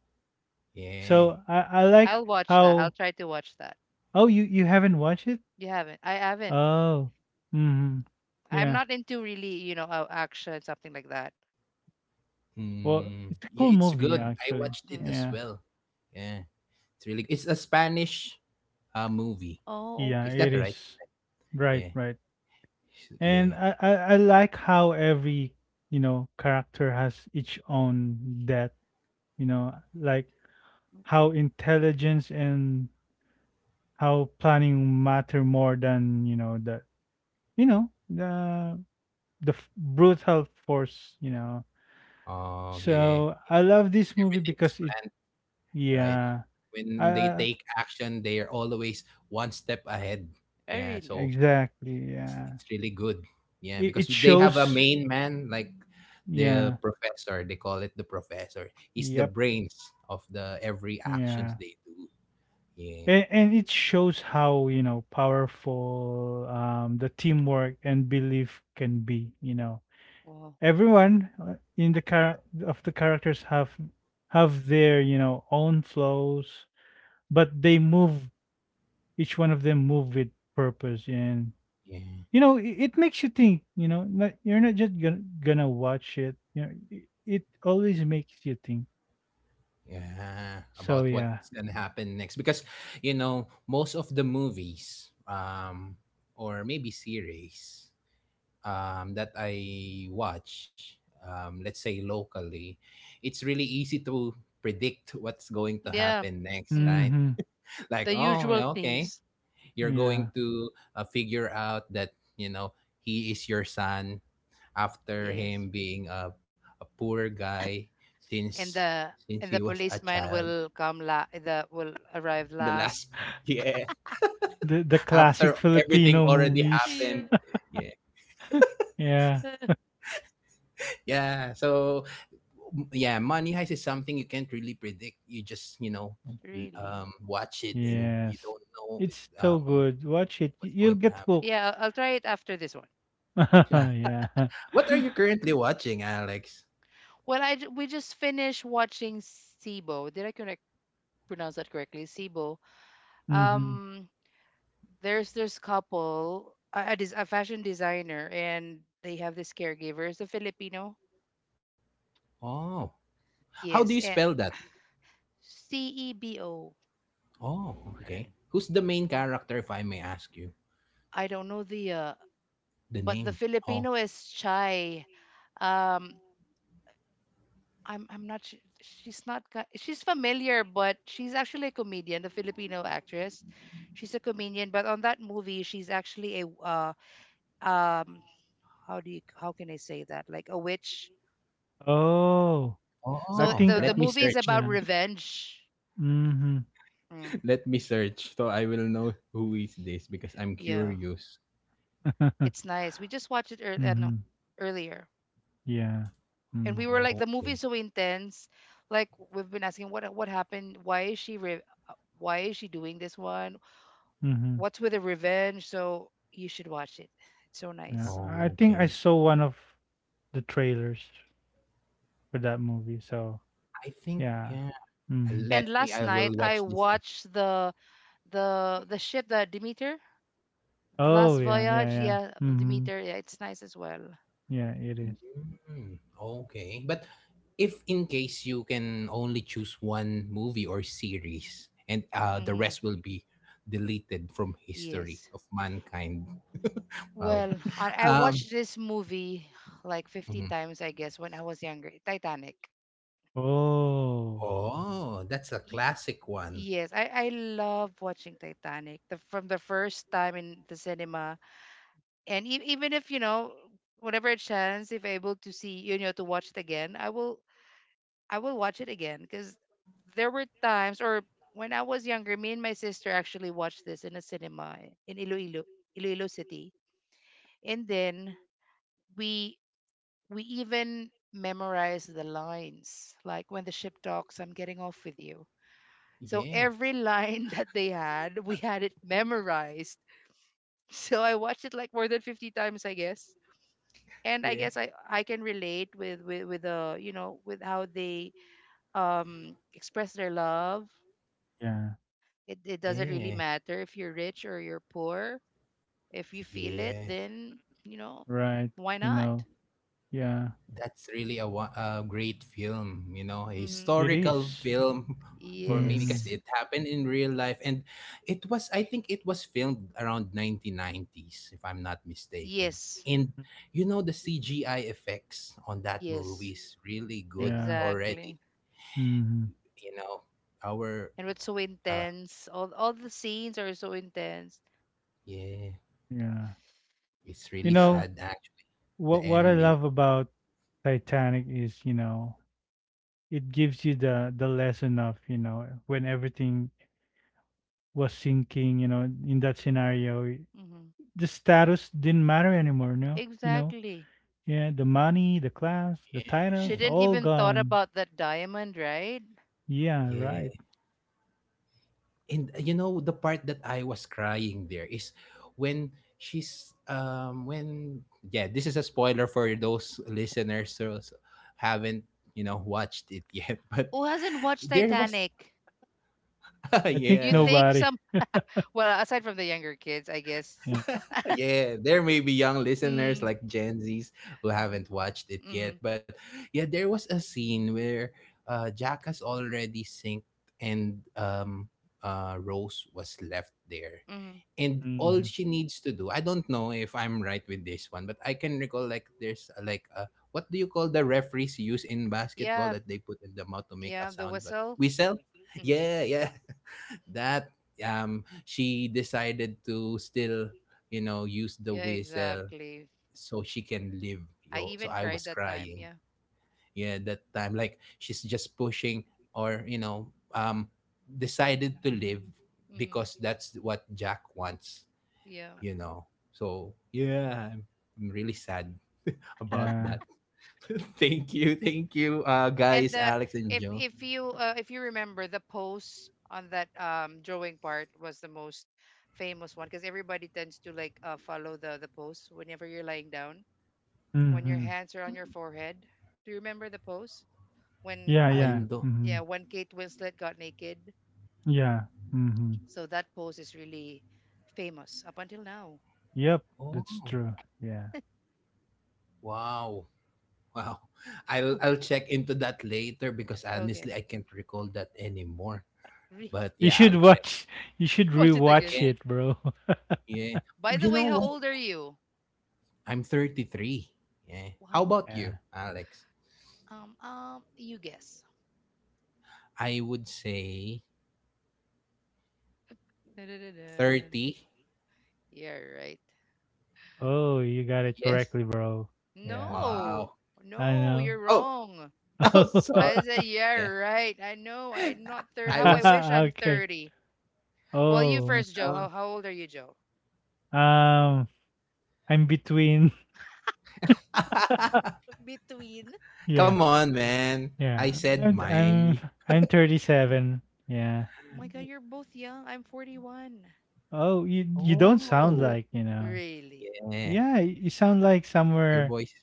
Speaker 1: yeah
Speaker 2: So I like
Speaker 3: I'll watch that. I'll
Speaker 2: how
Speaker 3: try to watch that.
Speaker 2: oh you haven't watched it?
Speaker 3: You haven't. I haven't.
Speaker 2: Oh. Mhm.
Speaker 3: I'm
Speaker 2: Yeah.
Speaker 3: not into really, you know, action something like that.
Speaker 2: Well,
Speaker 1: Hmm.
Speaker 2: it's a
Speaker 1: Yeah,
Speaker 2: cool
Speaker 1: it's
Speaker 2: movie
Speaker 1: good. I
Speaker 2: actually.
Speaker 1: watched it
Speaker 3: Mm.
Speaker 1: as
Speaker 2: Yeah.
Speaker 1: well. Yeah, it's really. It's a Spanish movie.
Speaker 3: Oh,
Speaker 2: Yeah,
Speaker 1: Is that
Speaker 2: it
Speaker 3: okay.
Speaker 1: right?
Speaker 2: is. Right,
Speaker 1: Yeah,
Speaker 2: right.
Speaker 1: yeah.
Speaker 2: And I like how every, you know, character has its own depth, you know, like how intelligence and how planning matter more than you know the brutal force you know
Speaker 1: Oh, yeah.
Speaker 2: so I love this movie
Speaker 1: Everything is
Speaker 2: because it
Speaker 1: planned, right?
Speaker 2: yeah I,
Speaker 1: When they
Speaker 2: I-
Speaker 1: take action, they are always one step ahead.
Speaker 3: I
Speaker 1: Yeah,
Speaker 3: really.
Speaker 1: so
Speaker 2: exactly
Speaker 1: it's
Speaker 2: yeah
Speaker 1: it's really good. Yeah,
Speaker 2: it,
Speaker 1: because
Speaker 2: it
Speaker 1: they have a
Speaker 2: shows
Speaker 1: main man like the
Speaker 2: yeah
Speaker 1: professor. They call it the professor. He's the
Speaker 2: yep
Speaker 1: brains of the every
Speaker 2: yeah
Speaker 1: actions they do. Yeah,
Speaker 2: and, it shows how you know powerful the teamwork and belief can be you know
Speaker 3: Wow.
Speaker 2: everyone in the of the characters have their you know own flows but they move each one of them move with purpose and
Speaker 1: yeah.
Speaker 2: you know it makes you think you know not, you're not just gonna watch it you know it always makes you think
Speaker 1: Yeah,
Speaker 2: so
Speaker 1: about
Speaker 2: yeah
Speaker 1: what's gonna happen next. Because, you know, most of the movies, or maybe series, that I watch, let's say locally, it's really easy to predict what's going to
Speaker 3: Yeah.
Speaker 1: happen next,
Speaker 3: Hmm.
Speaker 1: right?
Speaker 2: mm-hmm
Speaker 1: Like,
Speaker 3: The
Speaker 1: oh,
Speaker 3: usual
Speaker 1: okay,
Speaker 3: things.
Speaker 1: you're
Speaker 2: yeah
Speaker 1: going to figure out that he is your son after
Speaker 3: Yes.
Speaker 1: him being a poor guy
Speaker 3: And
Speaker 1: since
Speaker 3: the,
Speaker 1: since he was a
Speaker 3: policeman
Speaker 1: child
Speaker 3: will come la the will arrive
Speaker 1: the
Speaker 3: last.
Speaker 1: last yeah
Speaker 2: the classic
Speaker 1: after everything
Speaker 2: filipino
Speaker 1: already
Speaker 2: movies
Speaker 3: Yeah.
Speaker 1: happened yeah
Speaker 2: yeah
Speaker 1: yeah so yeah money heist is something you can't really predict you just
Speaker 3: Really.
Speaker 1: watch it and you
Speaker 2: yes
Speaker 1: don't know
Speaker 2: it's so
Speaker 1: um
Speaker 2: good watch it
Speaker 1: what's
Speaker 2: you'll
Speaker 1: going to
Speaker 2: get
Speaker 1: happen
Speaker 2: hooked
Speaker 3: Yeah, I'll try it after this one.
Speaker 1: yeah
Speaker 2: yeah.
Speaker 1: what are you currently watching Alex
Speaker 3: Well, we just finished watching Sibo. Did I correct pronounce that correctly? Sibo.
Speaker 2: Mhm.
Speaker 3: Um, there's this couple, a fashion designer, and they have this caregiver. It's a Filipino.
Speaker 1: oh how do
Speaker 3: Yes,
Speaker 1: you
Speaker 3: eh,
Speaker 1: spell that
Speaker 3: Cebo.
Speaker 1: oh okay
Speaker 2: Okay.
Speaker 1: who's the main character if I may ask you
Speaker 3: I don't know the
Speaker 1: the
Speaker 3: but the
Speaker 1: name oh
Speaker 3: Filipino is shy. Um, I'm not. Su- she's not. She's familiar, but she's actually a comedian, the Filipino actress. She's a comedian, but on that movie, she's actually a um how do you, how can I say, that, like a witch.
Speaker 2: Oh, I
Speaker 3: So
Speaker 1: Oh,
Speaker 2: think
Speaker 3: the
Speaker 1: let
Speaker 2: uh
Speaker 1: me
Speaker 3: movie is
Speaker 1: search.
Speaker 3: about
Speaker 2: yeah.
Speaker 3: revenge.
Speaker 2: Mhm.
Speaker 3: Mm,
Speaker 1: Let me search so I will know who is this because I'm
Speaker 3: yeah,
Speaker 1: curious.
Speaker 3: it's nice. We just watched it earlier. No,
Speaker 2: Mhm.
Speaker 3: earlier.
Speaker 2: Yeah.
Speaker 3: And we
Speaker 2: Mm.
Speaker 3: were like, the movie is
Speaker 1: Okay.
Speaker 3: so intense, like we've been asking what happened, why is she why is she doing this one,
Speaker 2: Mhm.
Speaker 3: what's with the revenge, so you should watch it, it's so
Speaker 2: Yeah,
Speaker 3: nice.
Speaker 2: I think I
Speaker 1: Okay.
Speaker 2: saw one of the trailers for that movie, so
Speaker 1: I think
Speaker 2: yeah.
Speaker 1: yeah.
Speaker 2: Mhm.
Speaker 1: Let
Speaker 3: And
Speaker 1: me.
Speaker 3: last
Speaker 1: I
Speaker 3: night
Speaker 1: will
Speaker 3: I
Speaker 1: watch this.
Speaker 3: watched the, the ship, the Demeter,
Speaker 2: Oh,
Speaker 3: last
Speaker 2: yeah, yeah,
Speaker 3: voyage,
Speaker 2: yeah.
Speaker 3: yeah,
Speaker 2: Mhm.
Speaker 3: Demeter, yeah, it's nice as well.
Speaker 2: Yeah, it is.
Speaker 1: Mm, okay. But if in case you can only choose one movie or series, and the
Speaker 3: Mm,
Speaker 1: rest will be deleted from history
Speaker 3: yes.
Speaker 1: of mankind. Wow.
Speaker 3: Well, I
Speaker 1: Um.
Speaker 3: watched this movie like 50
Speaker 1: Mhm.
Speaker 3: times I guess when I was younger. Titanic.
Speaker 2: Oh,
Speaker 1: Oh, that's a
Speaker 3: Y-
Speaker 1: classic one.
Speaker 3: Yes, I love watching Titanic, the, from the first time in the cinema. And e- even if, you know, whenever a chance, if able to see, you know, to watch it again, I will, I will watch it again because there were times, or when I was younger, me and my sister actually watched this in a cinema eh, in Iloilo, Iloilo City. And then we we even memorized the lines, like, when the ship docks, I'm getting off with you. So
Speaker 1: Yeah.
Speaker 3: every line that they had, we had it memorized. So I watched it like more than 50 times, I guess. And I
Speaker 1: Yeah.
Speaker 3: guess I can relate with you know with how they express their love.
Speaker 2: yeah.
Speaker 3: It doesn't really
Speaker 1: Yeah.
Speaker 3: matter if you're rich or you're poor. If you feel it,
Speaker 1: Yeah.
Speaker 3: then you know
Speaker 2: Right.
Speaker 3: why
Speaker 2: You
Speaker 3: not?
Speaker 2: know, yeah,
Speaker 1: That's really a great film, you know, a
Speaker 3: Mm-hmm.
Speaker 2: it
Speaker 1: historical
Speaker 2: is.
Speaker 1: film for me because
Speaker 2: Mhm.
Speaker 3: Yes,
Speaker 1: it happened in real life and it was I think it was filmed around 1990s if I'm not mistaken.
Speaker 3: yes,
Speaker 1: And you know the CGI effects on that movie
Speaker 3: yes,
Speaker 1: is really good
Speaker 2: Yeah.
Speaker 1: already,
Speaker 3: exactly.
Speaker 2: Mhm.
Speaker 1: you know. Our
Speaker 3: And it's so
Speaker 1: uh
Speaker 3: intense. All the scenes are so intense.
Speaker 1: yeah,
Speaker 2: Yeah.
Speaker 1: it's
Speaker 2: You
Speaker 1: really
Speaker 2: know,
Speaker 3: So.
Speaker 1: sad actually, the
Speaker 2: what I
Speaker 1: ending.
Speaker 2: love about Titanic is, you know, it gives you the lesson of, you know, when everything was sinking, you know, in that scenario,
Speaker 3: Mhm.
Speaker 2: the status didn't matter anymore, no? You know?
Speaker 3: Exactly.
Speaker 2: Yeah, the money, the class, the
Speaker 3: She
Speaker 2: titles,
Speaker 3: didn't
Speaker 2: all
Speaker 3: even thought
Speaker 2: gone.
Speaker 3: about that diamond, right?
Speaker 2: Yeah, right.
Speaker 1: Yeah. and You know, the part that I was crying there is when she's when yeah, this is a spoiler for those listeners who haven't watched it yet but
Speaker 3: Who hasn't watched
Speaker 1: there was
Speaker 3: Titanic?
Speaker 2: I think
Speaker 3: You
Speaker 1: yeah
Speaker 3: think
Speaker 2: nobody.
Speaker 3: some Well, aside from the younger kids, I guess.
Speaker 2: Yeah.
Speaker 1: yeah, there may be young listeners
Speaker 3: Mm,
Speaker 1: like Gen Zs who haven't watched it yet
Speaker 3: mm,
Speaker 1: but yeah, there was a scene where Jack has already synced and Rose was left there,
Speaker 3: mm.
Speaker 1: and all
Speaker 2: Hmm.
Speaker 1: she needs to do, I don't know if I'm right with this one, but I can recall like there's what do you call the referees use in basketball
Speaker 3: Yeah,
Speaker 1: that they put in the mouth to make a
Speaker 3: yeah, the
Speaker 1: sound, but
Speaker 3: whistle.
Speaker 1: whistle?
Speaker 3: Mm-hmm.
Speaker 1: Yeah, that she decided to still, you know, use the
Speaker 3: Yeah,
Speaker 1: whistle
Speaker 3: exactly.
Speaker 1: so she can live.
Speaker 3: I
Speaker 1: Yo, so
Speaker 3: even
Speaker 1: I
Speaker 3: cried
Speaker 1: was
Speaker 3: that time.
Speaker 1: crying,
Speaker 3: Yeah.
Speaker 1: yeah, that time, like she's just pushing or decided to live
Speaker 3: Mm-hmm.
Speaker 1: because that's what Jack wants,
Speaker 3: Yeah.
Speaker 1: you know. So yeah, I'm really sad about
Speaker 2: Yeah.
Speaker 1: that. Thank you,
Speaker 3: and
Speaker 1: guys,
Speaker 3: the
Speaker 1: Alex and
Speaker 3: if
Speaker 1: Joe.
Speaker 3: if you uh, if you remember, the pose on that drawing part was the most famous one because everybody tends to like, follow the pose whenever you're lying down, when your
Speaker 2: Hmm.
Speaker 3: hands are on your forehead. Do you remember the pose
Speaker 2: Yeah,
Speaker 1: I
Speaker 3: when
Speaker 2: yeah.
Speaker 1: know.
Speaker 2: Hmm.
Speaker 3: yeah when Kate Winslet got naked?
Speaker 2: Yeah. Hmm.
Speaker 3: So that pose is really famous up until now.
Speaker 2: Yep,
Speaker 1: Oh,
Speaker 2: that's true. Yeah.
Speaker 1: wow, wow. I'll check into that later because
Speaker 3: Okay.
Speaker 1: honestly, I can't recall that anymore.
Speaker 3: Really.
Speaker 1: But
Speaker 2: You
Speaker 1: yeah,
Speaker 2: should
Speaker 1: I'll check
Speaker 2: watch. You should
Speaker 3: Watch it again.
Speaker 2: rewatch
Speaker 1: again.
Speaker 2: it, bro.
Speaker 1: Yeah,
Speaker 3: By the
Speaker 1: you know
Speaker 3: way, how
Speaker 1: what?
Speaker 3: old are you?
Speaker 1: I'm 33. Yeah. How
Speaker 3: Wow.
Speaker 1: about
Speaker 2: Yeah.
Speaker 1: you, Alex?
Speaker 3: You guess.
Speaker 1: I would say
Speaker 3: Da-da-da-da.
Speaker 1: 30.
Speaker 3: Yeah, right.
Speaker 2: Oh, you got it
Speaker 1: Yes.
Speaker 2: correctly, bro. Yeah,
Speaker 3: No,
Speaker 1: Wow.
Speaker 2: I
Speaker 3: no,
Speaker 2: know.
Speaker 3: you're
Speaker 1: Oh,
Speaker 3: wrong.
Speaker 1: oh, sorry.
Speaker 3: I said, yeah,
Speaker 1: Yeah.
Speaker 3: right. I know I'm not 30.
Speaker 1: I
Speaker 3: How
Speaker 2: Oh.
Speaker 3: I
Speaker 1: was
Speaker 3: wish I'm
Speaker 2: Okay.
Speaker 3: 30. Well, you
Speaker 2: Oh,
Speaker 3: first, Joe.
Speaker 1: uh,
Speaker 3: How old are you, Joe?
Speaker 2: um, I'm between.
Speaker 3: Between.
Speaker 1: Come
Speaker 2: Yeah,
Speaker 1: on, man. I
Speaker 2: yeah.
Speaker 1: said
Speaker 2: I'm
Speaker 1: mine.
Speaker 2: I'm I'm 37. Yeah.
Speaker 3: Oh my God, you're both young. I'm 41.
Speaker 2: Oh, you don't sound
Speaker 1: Oh,
Speaker 2: like you know.
Speaker 3: Really?
Speaker 1: yeah.
Speaker 2: Yeah, you sound like
Speaker 1: Your
Speaker 2: somewhere
Speaker 1: boy's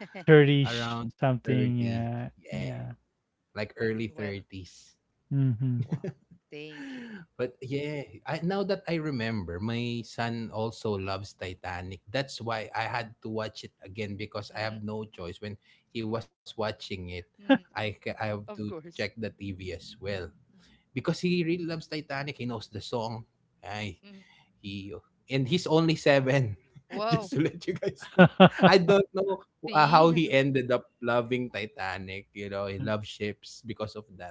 Speaker 2: 30
Speaker 1: around
Speaker 2: something.
Speaker 1: 30.
Speaker 2: Yeah,
Speaker 1: Yeah,
Speaker 2: yeah.
Speaker 1: like early
Speaker 3: Really? Well,
Speaker 1: 30s.
Speaker 2: Mm-hmm.
Speaker 3: wow. Thank you.
Speaker 1: But yeah, I, now that I remember, my son also loves Titanic. That's why I had to watch it again because I have
Speaker 3: Mm-hmm.
Speaker 1: no choice. When he was watching it,
Speaker 3: Mm-hmm.
Speaker 1: I have to
Speaker 3: Of
Speaker 1: check the
Speaker 3: course.
Speaker 1: TV as well because he really loves Titanic. He knows the song. Ay,
Speaker 3: Hmm.
Speaker 1: He and he's only 7.
Speaker 3: Wow.
Speaker 1: Just to let you guys know. I don't know how
Speaker 3: See?
Speaker 1: he ended up loving Titanic. You know, he loved ships because of that.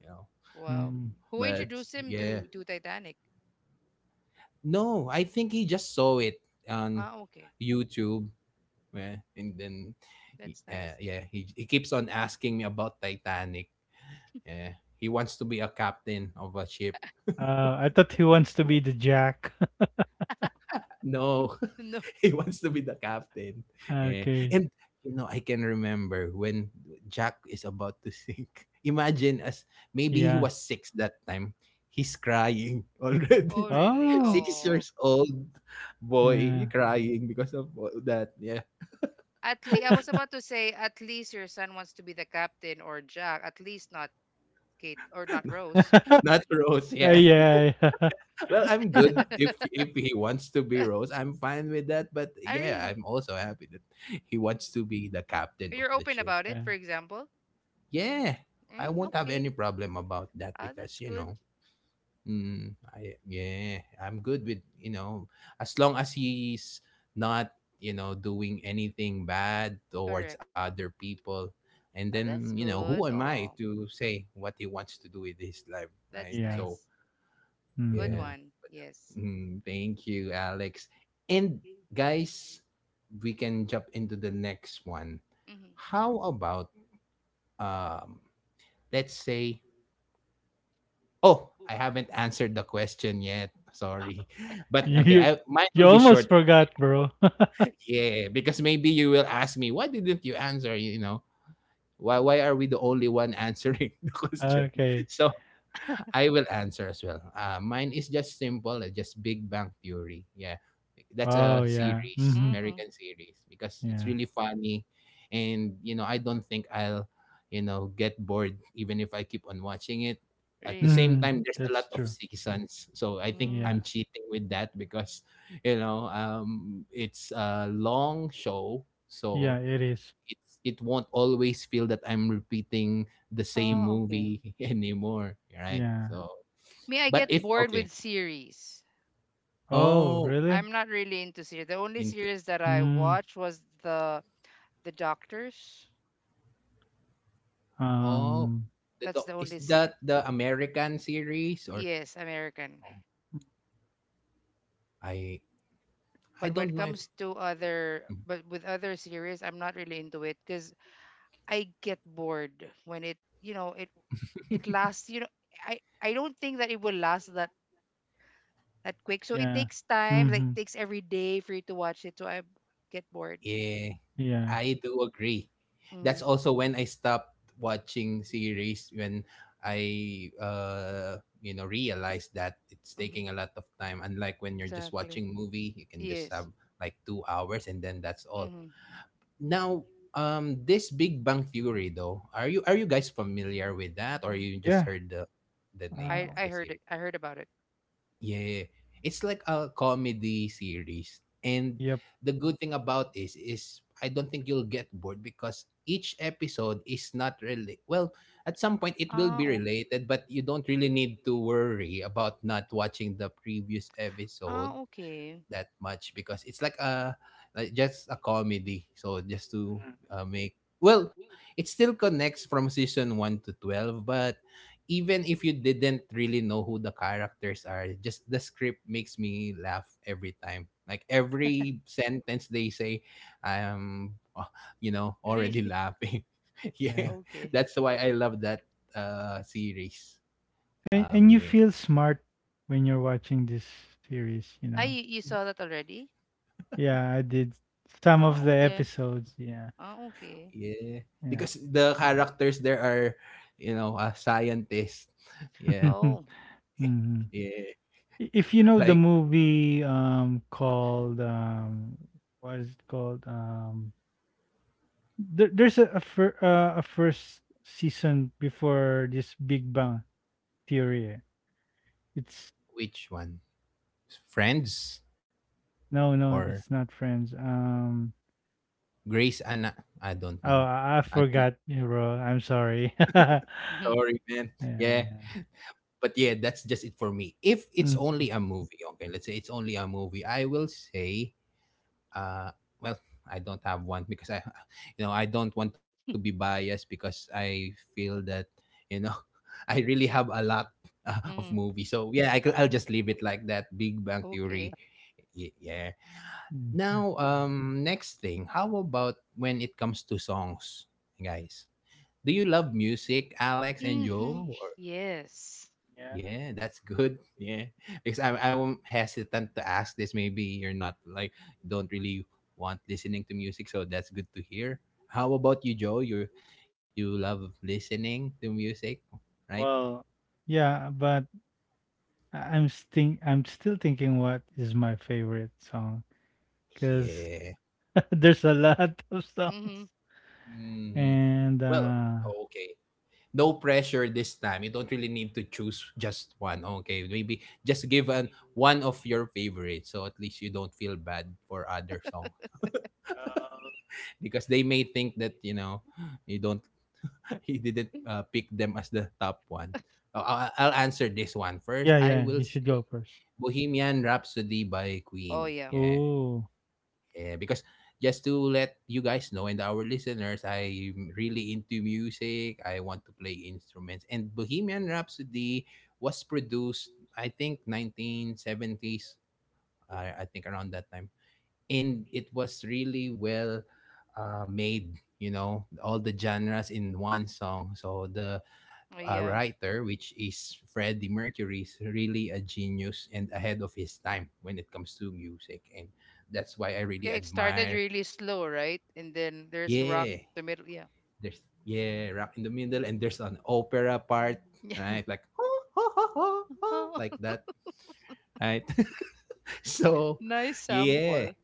Speaker 1: You know,
Speaker 3: Wow.
Speaker 2: Mm-hmm.
Speaker 3: Who
Speaker 1: but
Speaker 3: introduced him
Speaker 1: yeah,
Speaker 3: to Titanic?
Speaker 1: no, I think he just saw it on
Speaker 3: Ah, okay.
Speaker 1: YouTube, yeah, and
Speaker 3: Okay.
Speaker 1: then
Speaker 3: That's nice.
Speaker 1: yeah, he keeps on asking me about Titanic. Yeah, he wants to be a captain of a ship.
Speaker 2: Oh, I thought he wants
Speaker 1: That's
Speaker 2: to
Speaker 1: why.
Speaker 2: be the Jack.
Speaker 1: No,
Speaker 3: No.
Speaker 1: he wants to be the captain. Yeah.
Speaker 2: Okay,
Speaker 1: And you know, I can remember when Jack is about to sink. Imagine, as maybe he
Speaker 2: yeah.
Speaker 1: was 6 that time. He's crying
Speaker 3: Oh,
Speaker 1: already.
Speaker 3: really?
Speaker 2: Oh,
Speaker 1: six
Speaker 3: Oh.
Speaker 1: years old, boy
Speaker 2: yeah.
Speaker 1: crying because of that. Yeah.
Speaker 3: At least I was about to say, at least your son wants to be the captain or Jack. At least not Kate or not Rose.
Speaker 1: Not Rose, yeah.
Speaker 2: Yeah, yeah.
Speaker 1: Well, I'm good, if he wants to be Rose, I'm fine with that. But
Speaker 3: I
Speaker 1: yeah,
Speaker 3: really.
Speaker 1: I'm also happy that he
Speaker 3: Mm.
Speaker 1: wants to be the captain of
Speaker 3: You're
Speaker 1: the
Speaker 3: open
Speaker 1: ship.
Speaker 3: about it,
Speaker 2: Yeah,
Speaker 3: for example.
Speaker 1: Yeah, I
Speaker 3: Mm,
Speaker 1: won't have
Speaker 3: okay.
Speaker 1: any problem about that
Speaker 3: Ah,
Speaker 1: because
Speaker 3: that's
Speaker 1: you
Speaker 3: good.
Speaker 1: know. Mm, I'm good with, you know, as long as he's not, you know, doing anything bad towards
Speaker 3: Correct. Mm.
Speaker 1: other people. And
Speaker 3: Oh, that's
Speaker 1: then, you know,
Speaker 3: good.
Speaker 1: who am I
Speaker 3: Oh,
Speaker 1: to say what he wants to do with his life, right?
Speaker 3: that's
Speaker 2: yeah,
Speaker 1: So,
Speaker 3: nice. Good
Speaker 2: mhm.
Speaker 1: yeah.
Speaker 3: one. Yes.
Speaker 1: Mm, thank you, Alex. And guys, we can jump into the next one.
Speaker 3: Mm-hmm.
Speaker 1: How about um let's say. Oh, I haven't answered the question yet. Sorry. But
Speaker 2: You
Speaker 1: okay,
Speaker 2: you
Speaker 1: I mine
Speaker 2: you
Speaker 1: will be
Speaker 2: almost
Speaker 1: short.
Speaker 2: forgot, bro.
Speaker 1: Yeah, yeah, yeah, because maybe you will ask me, why didn't you answer? You know, why are we the only one answering the question?
Speaker 2: Okay.
Speaker 1: So I will answer as well. Mine is just simple, just Big Bang Theory. Yeah, that's a
Speaker 2: Oh, yeah,
Speaker 1: series,
Speaker 2: mhm,
Speaker 3: Mm-hmm.
Speaker 1: American series, because it's
Speaker 2: yeah.
Speaker 1: really funny, and you know, I don't think you know, get bored even if I keep on watching it. At the
Speaker 3: Really.
Speaker 1: same
Speaker 2: Mm,
Speaker 1: time, there's a
Speaker 2: that's
Speaker 1: lot of
Speaker 2: true.
Speaker 1: seasons, so I think
Speaker 3: Mm.
Speaker 1: I'm
Speaker 2: Yeah.
Speaker 1: cheating with that because, you know, it's a long show, so
Speaker 2: Yeah, it is.
Speaker 1: it won't always feel that I'm repeating the same
Speaker 2: Mm,
Speaker 3: Oh, okay.
Speaker 1: movie anymore, right?
Speaker 2: yeah.
Speaker 1: So,
Speaker 3: Me, I
Speaker 1: but
Speaker 3: get
Speaker 1: if
Speaker 3: bored
Speaker 1: okay,
Speaker 3: with series.
Speaker 2: Oh,
Speaker 1: oh,
Speaker 2: really?
Speaker 3: I'm not really into series. The only
Speaker 1: into
Speaker 3: series that I
Speaker 2: Mm,
Speaker 3: watched was the Doctors.
Speaker 1: oh,
Speaker 2: um,
Speaker 1: the
Speaker 3: That's the
Speaker 1: doc, is
Speaker 3: only series.
Speaker 1: that the American series or
Speaker 3: Yes, American.
Speaker 1: I
Speaker 3: But when
Speaker 1: don't
Speaker 3: it
Speaker 1: know
Speaker 3: comes
Speaker 1: if.
Speaker 3: to other, but with other series, I'm not really into it because I get bored when it lasts. You know, I don't think that it will last that quick. So it
Speaker 2: yeah.
Speaker 3: takes time. Like
Speaker 2: Mhm,
Speaker 3: takes every day for you to watch it. So I get bored.
Speaker 1: Yeah,
Speaker 2: yeah.
Speaker 1: I do agree. That's
Speaker 3: Mm,
Speaker 1: also when I stopped watching series, when I you know, realized that it's
Speaker 3: mm-hmm,
Speaker 1: taking a lot of time. Unlike when you're just
Speaker 3: exactly.
Speaker 1: watching movie, you can just
Speaker 3: Yes.
Speaker 1: have like 2 hours and then that's all.
Speaker 3: Mm-hmm.
Speaker 1: Now, this Big Bang Theory though, are you guys familiar with that, or you just
Speaker 2: Yeah,
Speaker 1: heard the name
Speaker 2: uh,
Speaker 3: I
Speaker 1: of
Speaker 3: I
Speaker 1: the
Speaker 3: heard it.
Speaker 1: series?
Speaker 3: I heard about it.
Speaker 1: Yeah. It's like a comedy series. And
Speaker 2: yep.
Speaker 1: the good thing about this is I don't think you'll get bored because each episode is not really, well, at some point it will
Speaker 3: Ah,
Speaker 1: be
Speaker 3: okay.
Speaker 1: related, but you don't really need to worry about not watching the previous episode
Speaker 3: Ah, okay.
Speaker 1: that much because it's like a just a comedy. So just to
Speaker 2: Mhm.
Speaker 1: make well, it still connects from season 1 to 12, but even if you didn't really know who the characters are, just the script makes me laugh every time. Like every sentence they say, I'm, uh, you know, already
Speaker 3: Really?
Speaker 1: laughing. Yeah,
Speaker 2: Yeah.
Speaker 3: Okay.
Speaker 1: that's why I love that series.
Speaker 2: And you
Speaker 1: Yeah.
Speaker 2: feel smart when you're watching this series, you
Speaker 3: Ah,
Speaker 2: know.
Speaker 3: you saw that already?
Speaker 2: Yeah, I did some
Speaker 3: Ah,
Speaker 2: of the
Speaker 3: okay.
Speaker 2: episodes, yeah.
Speaker 3: Ah, okay.
Speaker 1: Yeah,
Speaker 2: Yeah.
Speaker 1: because the characters there are, you know, a scientist. Yeah,
Speaker 3: Oh.
Speaker 2: Mhm.
Speaker 1: yeah.
Speaker 2: If you know the
Speaker 1: Like
Speaker 2: movie called what is it called? There's a first season before this Big Bang Theory. It's
Speaker 1: which one? Friends
Speaker 2: no, no, it's
Speaker 1: or
Speaker 2: not Friends. Um
Speaker 1: Grace Anna? I
Speaker 2: oh,
Speaker 1: don't know.
Speaker 2: I
Speaker 1: I don't.
Speaker 2: forgot, you bro. I'm sorry. Yeah,
Speaker 3: Mhm.
Speaker 1: Sorry, man. Yeah,
Speaker 2: yeah.
Speaker 1: but yeah, that's just it for me. If it's only
Speaker 2: Mm,
Speaker 1: a movie, okay. Let's say it's only a movie. I will say uh well I don't have one because I you know, I don't want to be biased because I feel that, you know, I really have a lot of
Speaker 3: Mhm.
Speaker 1: movies. So yeah,
Speaker 2: Uh,
Speaker 1: I'll just leave it like that. Big Bang Theory.
Speaker 3: Okay.
Speaker 1: Yeah. Now,
Speaker 2: mm.
Speaker 1: next thing, how about when it comes to songs, guys? Do you love music, Alex and
Speaker 3: Mm.
Speaker 1: Joe?
Speaker 3: Mhm. Yes.
Speaker 2: Yeah.
Speaker 1: Yeah, that's good. Yeah, because I'm hesitant to ask this. Maybe you're not like, don't really want listening to music, so that's good to hear. How about you, Joe? You love listening to music, right?
Speaker 2: Well, Yeah, but I'm think I'm still thinking what is my favorite song because
Speaker 1: Yeah.
Speaker 2: there's a lot of
Speaker 3: Mm.
Speaker 2: songs
Speaker 1: Mhm.
Speaker 2: and
Speaker 1: Well, okay. No pressure this time. You don't really need to choose just one. Okay, maybe just give an one of your favorites, so at least you don't feel bad for other songs
Speaker 2: uh,
Speaker 1: because they may think that, you know, you don't he didn't
Speaker 3: Mhm.
Speaker 1: pick them as the top one. I'll answer this one first.
Speaker 2: yeah,
Speaker 1: I
Speaker 2: yeah,
Speaker 1: will
Speaker 2: you should go
Speaker 1: say
Speaker 2: first.
Speaker 1: Bohemian Rhapsody by
Speaker 3: Oh,
Speaker 1: Queen.
Speaker 3: yeah.
Speaker 1: Yeah,
Speaker 2: Oh,
Speaker 1: yeah. Because just to let you guys know and our listeners,
Speaker 3: Mm.
Speaker 1: I'm really into music. I want to play instruments, and Bohemian Rhapsody was produced, I think, 1970s. I think around that time, and it was really well made. You know, all the genres in one song. So the
Speaker 3: Oh, yeah.
Speaker 1: writer, which is Freddie Mercury, is really a genius and ahead of his time when it comes to music, and that's why I
Speaker 3: Yeah,
Speaker 1: really
Speaker 3: it started
Speaker 1: admire.
Speaker 3: really slow, right? And then there's rock
Speaker 1: Yeah,
Speaker 3: the middle. Yeah.
Speaker 1: there's rock in the middle, and there's an opera part,
Speaker 3: Yeah.
Speaker 1: right? Like
Speaker 3: Oh,
Speaker 1: like that, right? So
Speaker 3: nice sample.
Speaker 1: yeah,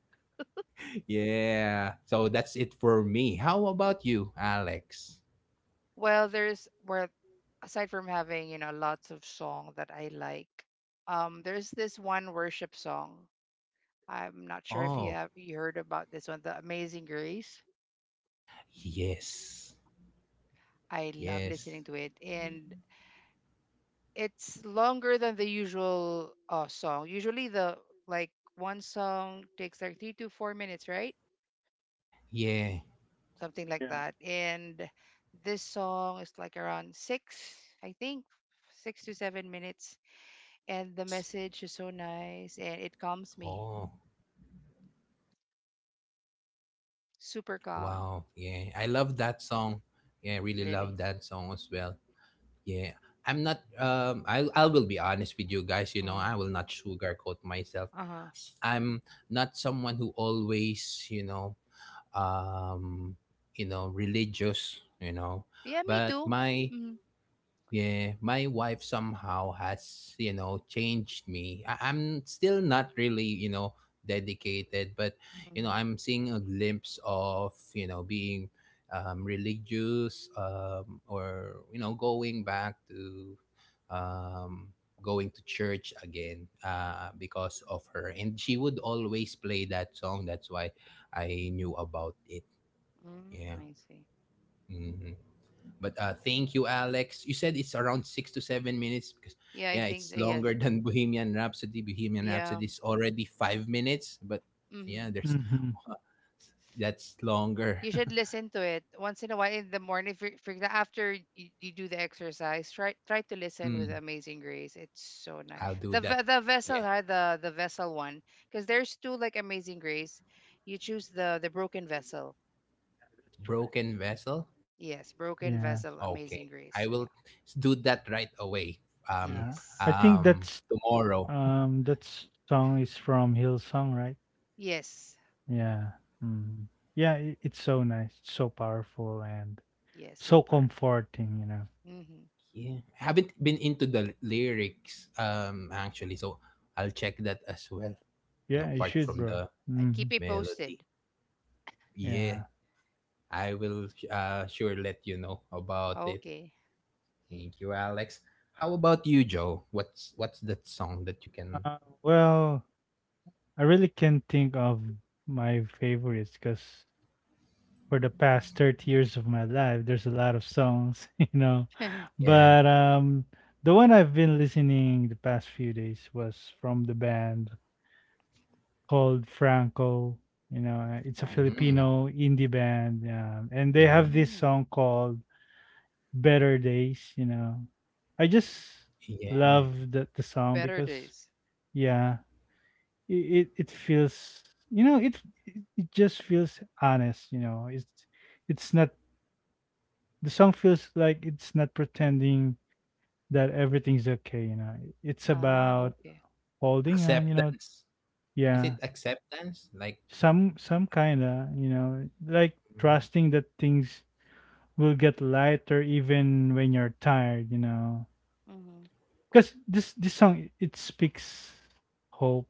Speaker 1: yeah. So that's it for me. How about you, Alex?
Speaker 3: Well, aside from having lots of song that I like, there's this one worship song. I'm not sure if you
Speaker 1: Oh
Speaker 3: have you heard about this one, The Amazing Grace.
Speaker 1: yes,
Speaker 3: I love
Speaker 1: yes,
Speaker 3: listening to it. And it's longer than the usual song. Usually the like one song takes like 3 to 4 minutes, right?
Speaker 1: yeah.
Speaker 3: Something like
Speaker 2: yeah,
Speaker 3: that. And this song is like around 6, I think, 6 to 7 minutes.
Speaker 1: Six
Speaker 3: And the
Speaker 1: minutes.
Speaker 3: message is so nice, and it calms me.
Speaker 1: Oh
Speaker 3: Super calm,
Speaker 1: wow, yeah. I love that song. Yeah, I really
Speaker 3: really.
Speaker 1: love that song as well. Yeah. I'm not I will be honest with you guys, you know,
Speaker 3: Uh
Speaker 1: I will not sugarcoat myself.
Speaker 3: huh.
Speaker 1: I'm not someone who always, um, you know, religious, you know,
Speaker 3: Yeah, me
Speaker 1: but
Speaker 3: too.
Speaker 1: my
Speaker 3: Mm-hmm.
Speaker 1: yeah, my wife somehow has, you know, changed me. I'm still not really, you know, dedicated, but, you know,
Speaker 3: Mm-hmm.
Speaker 1: I'm seeing a glimpse of, you know, being religious or, you know, going back to um, going to church again because of her. And she would always play that song. That's why I knew about it.
Speaker 3: Mm,
Speaker 1: Yeah.
Speaker 3: I see.
Speaker 1: Mm-hmm. But thank you, Alex. You said it's around 6 to 7 minutes because,
Speaker 3: Yeah, I
Speaker 1: yeah,
Speaker 3: think
Speaker 1: it's
Speaker 3: so. Yes.
Speaker 1: longer than Bohemian Rhapsody. Bohemian
Speaker 3: Yeah.
Speaker 1: Rhapsody is already 5 minutes, but
Speaker 3: Mm-hmm.
Speaker 1: yeah, there's
Speaker 2: mm-hmm.
Speaker 1: that's longer.
Speaker 3: You should listen to it once in a while in the morning. For example, after you do the exercise, try to
Speaker 1: Hmm,
Speaker 3: listen with Amazing Grace. It's so
Speaker 1: I'll
Speaker 3: nice.
Speaker 1: do
Speaker 3: The
Speaker 1: that.
Speaker 3: ve- the
Speaker 1: Yeah,
Speaker 3: vessel,
Speaker 2: Yeah.
Speaker 3: huh? The vessel one, because there's two like Amazing Grace. You choose the broken vessel.
Speaker 2: That's right.
Speaker 1: broken vessel.
Speaker 3: Yes, broken
Speaker 2: Yes.
Speaker 3: vessel,
Speaker 1: Okay,
Speaker 3: Amazing
Speaker 1: I
Speaker 3: Grace.
Speaker 1: will
Speaker 3: Yeah.
Speaker 1: do that right away. Um,
Speaker 2: Yeah.
Speaker 3: Yes.
Speaker 2: I think that's
Speaker 1: tomorrow.
Speaker 2: That song is from Hillsong, right?
Speaker 3: Yes.
Speaker 2: Yeah. Mm. Yeah, I it's so nice, it's so powerful, and
Speaker 3: Yes.
Speaker 2: so
Speaker 3: Super.
Speaker 2: comforting, you know.
Speaker 3: Mm-hmm.
Speaker 1: Yeah, I haven't been into the lyrics. Actually, so I'll check that as well. You know,
Speaker 2: Yeah, you
Speaker 1: apart
Speaker 2: should,
Speaker 3: Yes.
Speaker 1: from
Speaker 2: bro.
Speaker 1: the
Speaker 3: I
Speaker 2: Hmm.
Speaker 3: keep it posted.
Speaker 1: melody. Yeah,
Speaker 2: Yeah.
Speaker 1: I will sure let you know about it.
Speaker 3: Okay.
Speaker 1: Thank you, Alex. How about you, Joe? What's that song that you can?
Speaker 2: Well, I really can't think of my favorites because for the past 30 years of my life, there's a lot of songs, you know.
Speaker 1: Yeah,
Speaker 2: But the one I've been listening the past few days was from the band called Franco. You know, it's a
Speaker 3: Franco.
Speaker 1: mm,
Speaker 2: Filipino indie band, and they
Speaker 1: yeah,
Speaker 2: have this
Speaker 3: Mm,
Speaker 2: song called "Better Days." You know, I just
Speaker 1: yeah.
Speaker 2: love the song
Speaker 3: better
Speaker 2: because
Speaker 3: days.
Speaker 2: yeah, it feels you know it just feels honest. You know, it's not the song feels like it's not pretending that everything's okay. You know, it's
Speaker 3: Ah,
Speaker 2: about
Speaker 3: okay.
Speaker 2: holding on. You know,
Speaker 1: Acceptance. Is it
Speaker 2: yeah.
Speaker 1: acceptance? Like,
Speaker 2: Some kinda you know like
Speaker 1: mm,
Speaker 2: trusting that things will get lighter even when you're tired you know
Speaker 3: Mm-hmm.
Speaker 2: because this song it speaks hope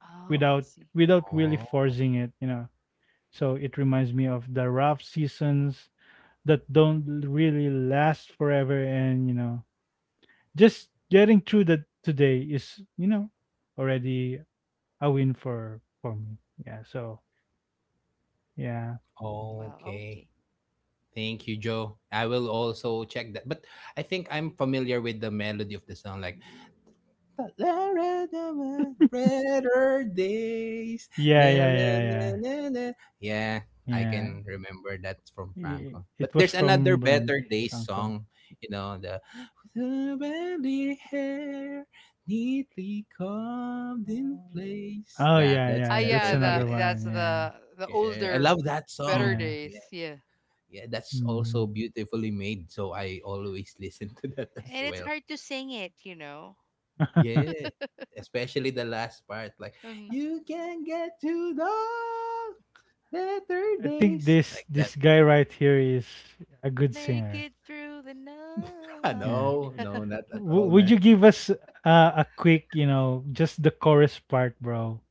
Speaker 3: Oh, I
Speaker 2: without
Speaker 3: see.
Speaker 2: really
Speaker 1: oh,
Speaker 2: forcing it you know so it reminds me of the rough seasons that don't really last forever and you know just getting through that today is you know already a win for me yeah so yeah
Speaker 3: Wow,
Speaker 1: okay.
Speaker 3: okay.
Speaker 1: Thank you, Joe. I will also check that. But I think I'm familiar with the melody of the song. Like, but there are the better days.
Speaker 2: yeah
Speaker 1: Na-
Speaker 2: yeah
Speaker 1: na- na-
Speaker 2: yeah
Speaker 1: na- na. Yeah,
Speaker 2: yeah
Speaker 1: I
Speaker 2: yeah
Speaker 1: can remember that from
Speaker 2: I
Speaker 1: Franco. But
Speaker 2: it was
Speaker 1: there's another
Speaker 2: from Bern
Speaker 1: better days
Speaker 2: Franco.
Speaker 1: song, you know, the smelly hair neatly combed in
Speaker 2: Uh,
Speaker 1: place.
Speaker 2: Oh,
Speaker 1: That
Speaker 2: yeah,
Speaker 1: that's
Speaker 3: Ah,
Speaker 2: yeah, that's
Speaker 1: better
Speaker 3: yeah,
Speaker 2: another
Speaker 1: days.
Speaker 3: the that's
Speaker 2: one, yeah.
Speaker 3: the
Speaker 1: Yeah, I
Speaker 3: older,
Speaker 1: love that
Speaker 3: better
Speaker 2: Yeah.
Speaker 1: song.
Speaker 3: days.
Speaker 1: Yeah,
Speaker 3: Yeah,
Speaker 1: yeah, that's also
Speaker 2: Mhm.
Speaker 1: beautifully made. So I always listen to that as
Speaker 3: and it's
Speaker 1: well.
Speaker 3: hard to sing it.
Speaker 1: Yeah, especially the last part, like
Speaker 3: Hmm.
Speaker 1: you can get to the better
Speaker 2: I think
Speaker 1: days, like that.
Speaker 2: this guy right here is a good
Speaker 3: Make
Speaker 2: singer.
Speaker 3: it through the
Speaker 2: Yeah.
Speaker 1: No,
Speaker 3: night.
Speaker 1: no, not at all, man.
Speaker 2: Would you give us a quick, you know, just the chorus part, bro?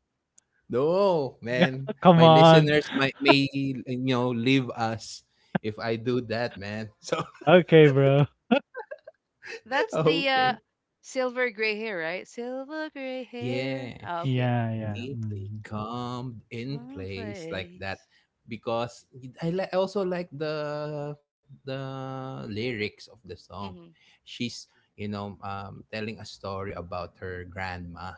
Speaker 1: No, man.
Speaker 2: Come
Speaker 1: My
Speaker 2: on.
Speaker 1: listeners might may leave us if I do that, man. So
Speaker 2: Okay, bro.
Speaker 3: That's the
Speaker 1: okay,
Speaker 3: silver gray hair, right? Silver gray hair.
Speaker 1: yeah.
Speaker 3: Ah, okay.
Speaker 2: Yeah, yeah.
Speaker 1: Neatly
Speaker 2: Mhm.
Speaker 1: calmed in
Speaker 3: One
Speaker 1: place like that
Speaker 3: place.
Speaker 1: because I also like the lyrics of the song.
Speaker 3: Mm-hmm.
Speaker 1: She's telling a story about her grandma,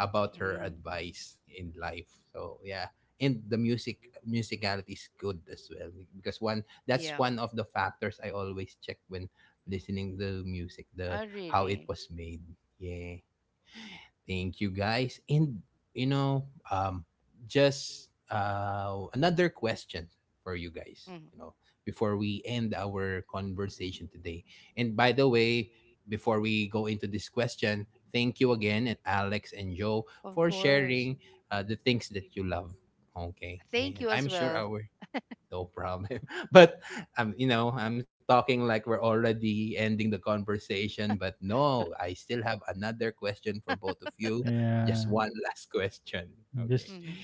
Speaker 1: about her
Speaker 3: Hmm.
Speaker 1: advice in life, so yeah. And the musicality is good as well, because
Speaker 3: Yeah.
Speaker 1: one of the factors I always check when listening to music, the
Speaker 3: Oh,
Speaker 1: how it
Speaker 3: really?
Speaker 1: was made. Yeah. Thank you guys. And you know, um just another question for you guys,
Speaker 3: Hmm.
Speaker 1: before we end our conversation today. And by the way, before we go into this question, thank you again and Alex and Joe
Speaker 3: Of
Speaker 1: for
Speaker 3: course.
Speaker 1: sharing the things that you love. Okay.
Speaker 3: Thank you
Speaker 1: And
Speaker 3: as
Speaker 1: I'm sure
Speaker 3: well.
Speaker 1: our no problem. But I'm talking like we're already ending the conversation. But no, I still have another question for both of you. Just
Speaker 2: Yeah.
Speaker 1: one last question. Okay.
Speaker 2: Just
Speaker 3: Mm-hmm.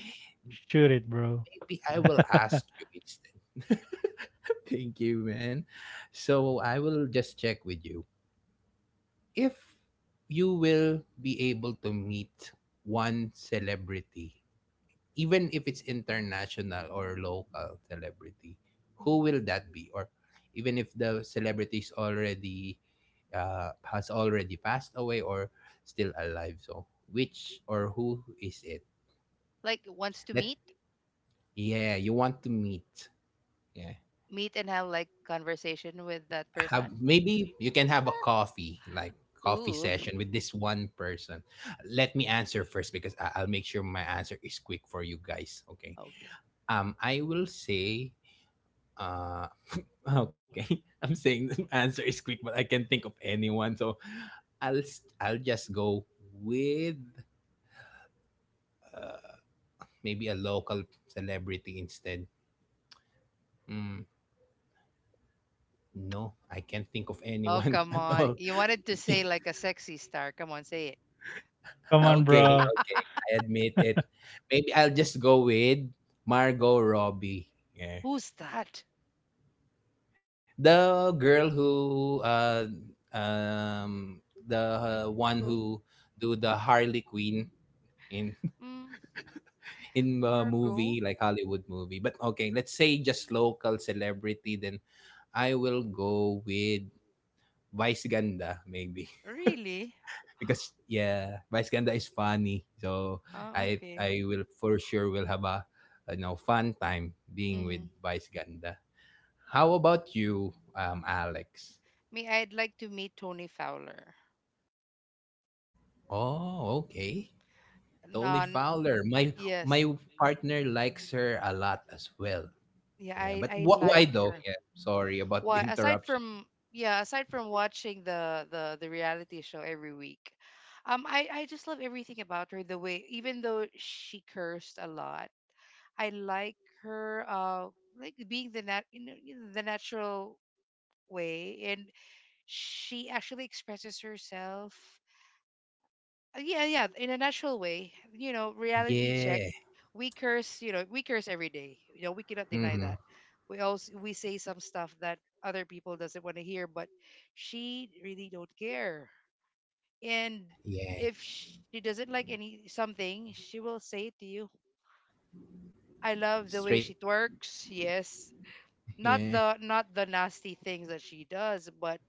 Speaker 2: shoot it, bro.
Speaker 1: Maybe I will ask you instead. Thank you, man. So I will just check with you. If you will be able to meet one celebrity, even if it's international or local celebrity, who will that be? Or even if the celebrity is already has already passed away or still alive. So which or who is it?
Speaker 3: Like, wants to
Speaker 1: Let
Speaker 3: meet?
Speaker 1: yeah, you want to meet. Yeah.
Speaker 3: Meet and have, like, conversation with that person?
Speaker 1: Have maybe you can have a coffee, like coffee
Speaker 3: Ooh,
Speaker 1: session with this one person. Let me answer first because I'll make sure my answer is quick for you guys. Okay.
Speaker 3: okay.
Speaker 1: I will say uh, okay, I'm saying the answer is quick, but I can't think of anyone. So I'll just go with maybe a local celebrity instead. Mm, no, I can't think of
Speaker 3: Oh,
Speaker 1: anyone
Speaker 3: come
Speaker 1: at
Speaker 3: on.
Speaker 1: all.
Speaker 3: You wanted to say like a sexy star. Come on, say
Speaker 2: Come on,
Speaker 1: Okay,
Speaker 2: bro.
Speaker 1: okay,
Speaker 3: it.
Speaker 1: I admit it. Maybe I'll just go with Margot Robbie. Yeah,
Speaker 3: Who's that?
Speaker 1: the girl who um the one
Speaker 3: Margot.
Speaker 1: who do the Harley Quinn in
Speaker 3: Mm,
Speaker 1: in a
Speaker 3: Margot.
Speaker 1: movie, like Hollywood movie. But okay, let's say just local celebrity. Then I will go with Vice Ganda maybe
Speaker 3: Really?
Speaker 1: because yeah, Vice Ganda is funny. So
Speaker 3: Ah,
Speaker 1: I
Speaker 3: okay.
Speaker 1: I will for sure will have a fun time being with
Speaker 3: Hmm.
Speaker 1: Vice Ganda. How about you, Alex?
Speaker 3: Me, I'd like to meet Tony Fowler.
Speaker 1: Oh, okay. Tony
Speaker 3: Non.
Speaker 1: Fowler. My
Speaker 3: Yes.
Speaker 1: my partner likes her a lot as well.
Speaker 3: Yeah,
Speaker 1: Yeah,
Speaker 3: I
Speaker 1: but
Speaker 3: I
Speaker 1: why
Speaker 3: like
Speaker 1: though?
Speaker 3: her.
Speaker 1: Yeah, sorry about the
Speaker 3: Why, aside
Speaker 1: interruption.
Speaker 3: from yeah aside from watching the reality show every week, I just love everything about her, the way, even though she cursed a lot. I like her, like being the nat you know, the natural way. And she actually expresses herself, yeah, yeah. In a natural way, reality check.
Speaker 1: Yeah.
Speaker 3: We curse every day. You know, we cannot deny that.
Speaker 1: Mhm.
Speaker 3: We say some stuff that other people doesn't want to hear, but she really don't care. And
Speaker 1: Yeah.
Speaker 3: if she doesn't like any something, she will say it to you. I love the way
Speaker 1: Straight.
Speaker 3: she twerks. Yes,
Speaker 1: Yeah.
Speaker 3: not the, nasty things that she does, but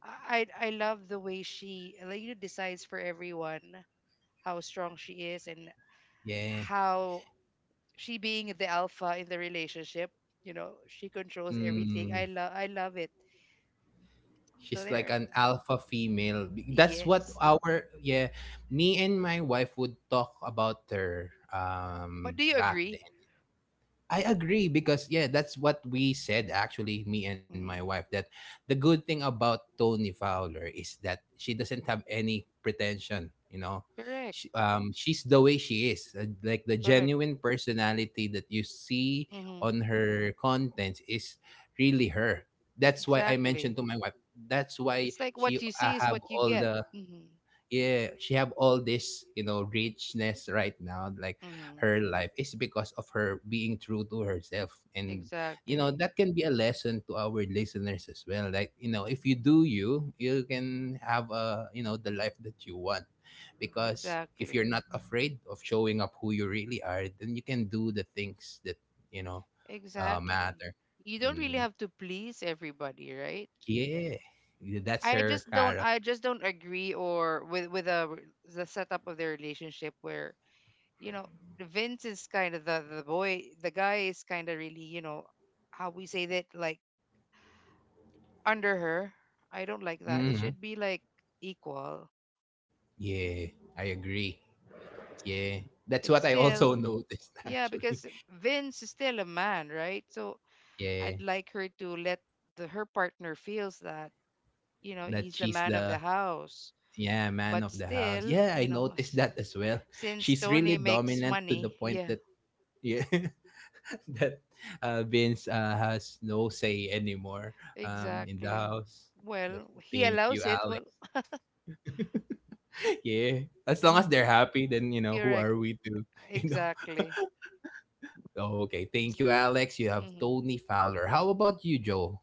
Speaker 3: I love the way she, like, decides for everyone, how strong she is and
Speaker 1: Yeah.
Speaker 3: how she being the alpha in the relationship. You know, she controls everything. I
Speaker 1: Mm.
Speaker 3: love I love it. So
Speaker 1: She's like
Speaker 3: there.
Speaker 1: an alpha female. That's what
Speaker 3: Yes.
Speaker 1: our yeah. Me and my wife would talk about her
Speaker 3: But do you
Speaker 1: back
Speaker 3: agree?
Speaker 1: then. I agree because yeah, that's what we said actually, me and my
Speaker 3: Mm,
Speaker 1: wife, that the good thing about Tony Fowler is that she doesn't have any pretension, you know.
Speaker 3: correct.
Speaker 1: She, she's the way she is, like the
Speaker 3: Correct.
Speaker 1: genuine personality that you see
Speaker 3: Mm-hmm.
Speaker 1: on her contents is really her. That's why I mentioned
Speaker 3: Exactly.
Speaker 1: to my wife. That's why
Speaker 3: It's like
Speaker 1: she
Speaker 3: what you see is
Speaker 1: have
Speaker 3: what you
Speaker 1: all
Speaker 3: get.
Speaker 1: the
Speaker 3: Mm-hmm.
Speaker 1: yeah she have all this richness right now, like
Speaker 3: Mm-hmm.
Speaker 1: her life is because of her being true to herself, and
Speaker 3: Exactly.
Speaker 1: that can be a lesson to our listeners as well, like if you do you can have a the life that you want. Because if
Speaker 3: Exactly.
Speaker 1: you're not afraid of showing up who you really are, then you can do the things that you know
Speaker 3: Exactly.
Speaker 1: matter.
Speaker 3: You don't really
Speaker 1: Mm,
Speaker 3: have to please everybody, right?
Speaker 1: yeah, that's
Speaker 3: I
Speaker 1: her
Speaker 3: just
Speaker 1: character.
Speaker 3: don't I just don't agree or with the setup of their relationship where, you know, Vince is kind of the boy, the guy is kind of really, how we say that, like, under her. I don't like that. It
Speaker 1: Hmm,
Speaker 3: should be like equal.
Speaker 1: yeah, I agree. Yeah, that's
Speaker 3: It's
Speaker 1: what I
Speaker 2: Yeah.
Speaker 3: still,
Speaker 1: also noticed
Speaker 3: yeah,
Speaker 1: actually.
Speaker 3: because Vince is still a man, right? So I'd
Speaker 1: Yeah,
Speaker 3: like her to let the her partner feels that,
Speaker 1: that
Speaker 3: he's the
Speaker 1: she's
Speaker 3: man of the
Speaker 1: the
Speaker 3: house.
Speaker 1: yeah man
Speaker 3: But
Speaker 1: of the house.
Speaker 3: still,
Speaker 1: Yeah, I
Speaker 3: you know,
Speaker 1: noticed
Speaker 3: s-
Speaker 1: that as well.
Speaker 3: since
Speaker 1: She's really
Speaker 3: Tony makes
Speaker 1: dominant to the
Speaker 3: money,
Speaker 1: point
Speaker 3: yeah,
Speaker 1: that yeah that Vince has no say anymore in the
Speaker 3: exactly.
Speaker 1: house. But
Speaker 3: Well, he
Speaker 1: thank you,
Speaker 3: allows it. Well,
Speaker 1: Alex. Yeah, as long as they're happy, then who
Speaker 3: correct.
Speaker 1: are we to you know
Speaker 3: Exactly.
Speaker 1: okay, thank you, Alex. You have
Speaker 3: Mm-hmm.
Speaker 1: Tony Fowler. How about you, Joe?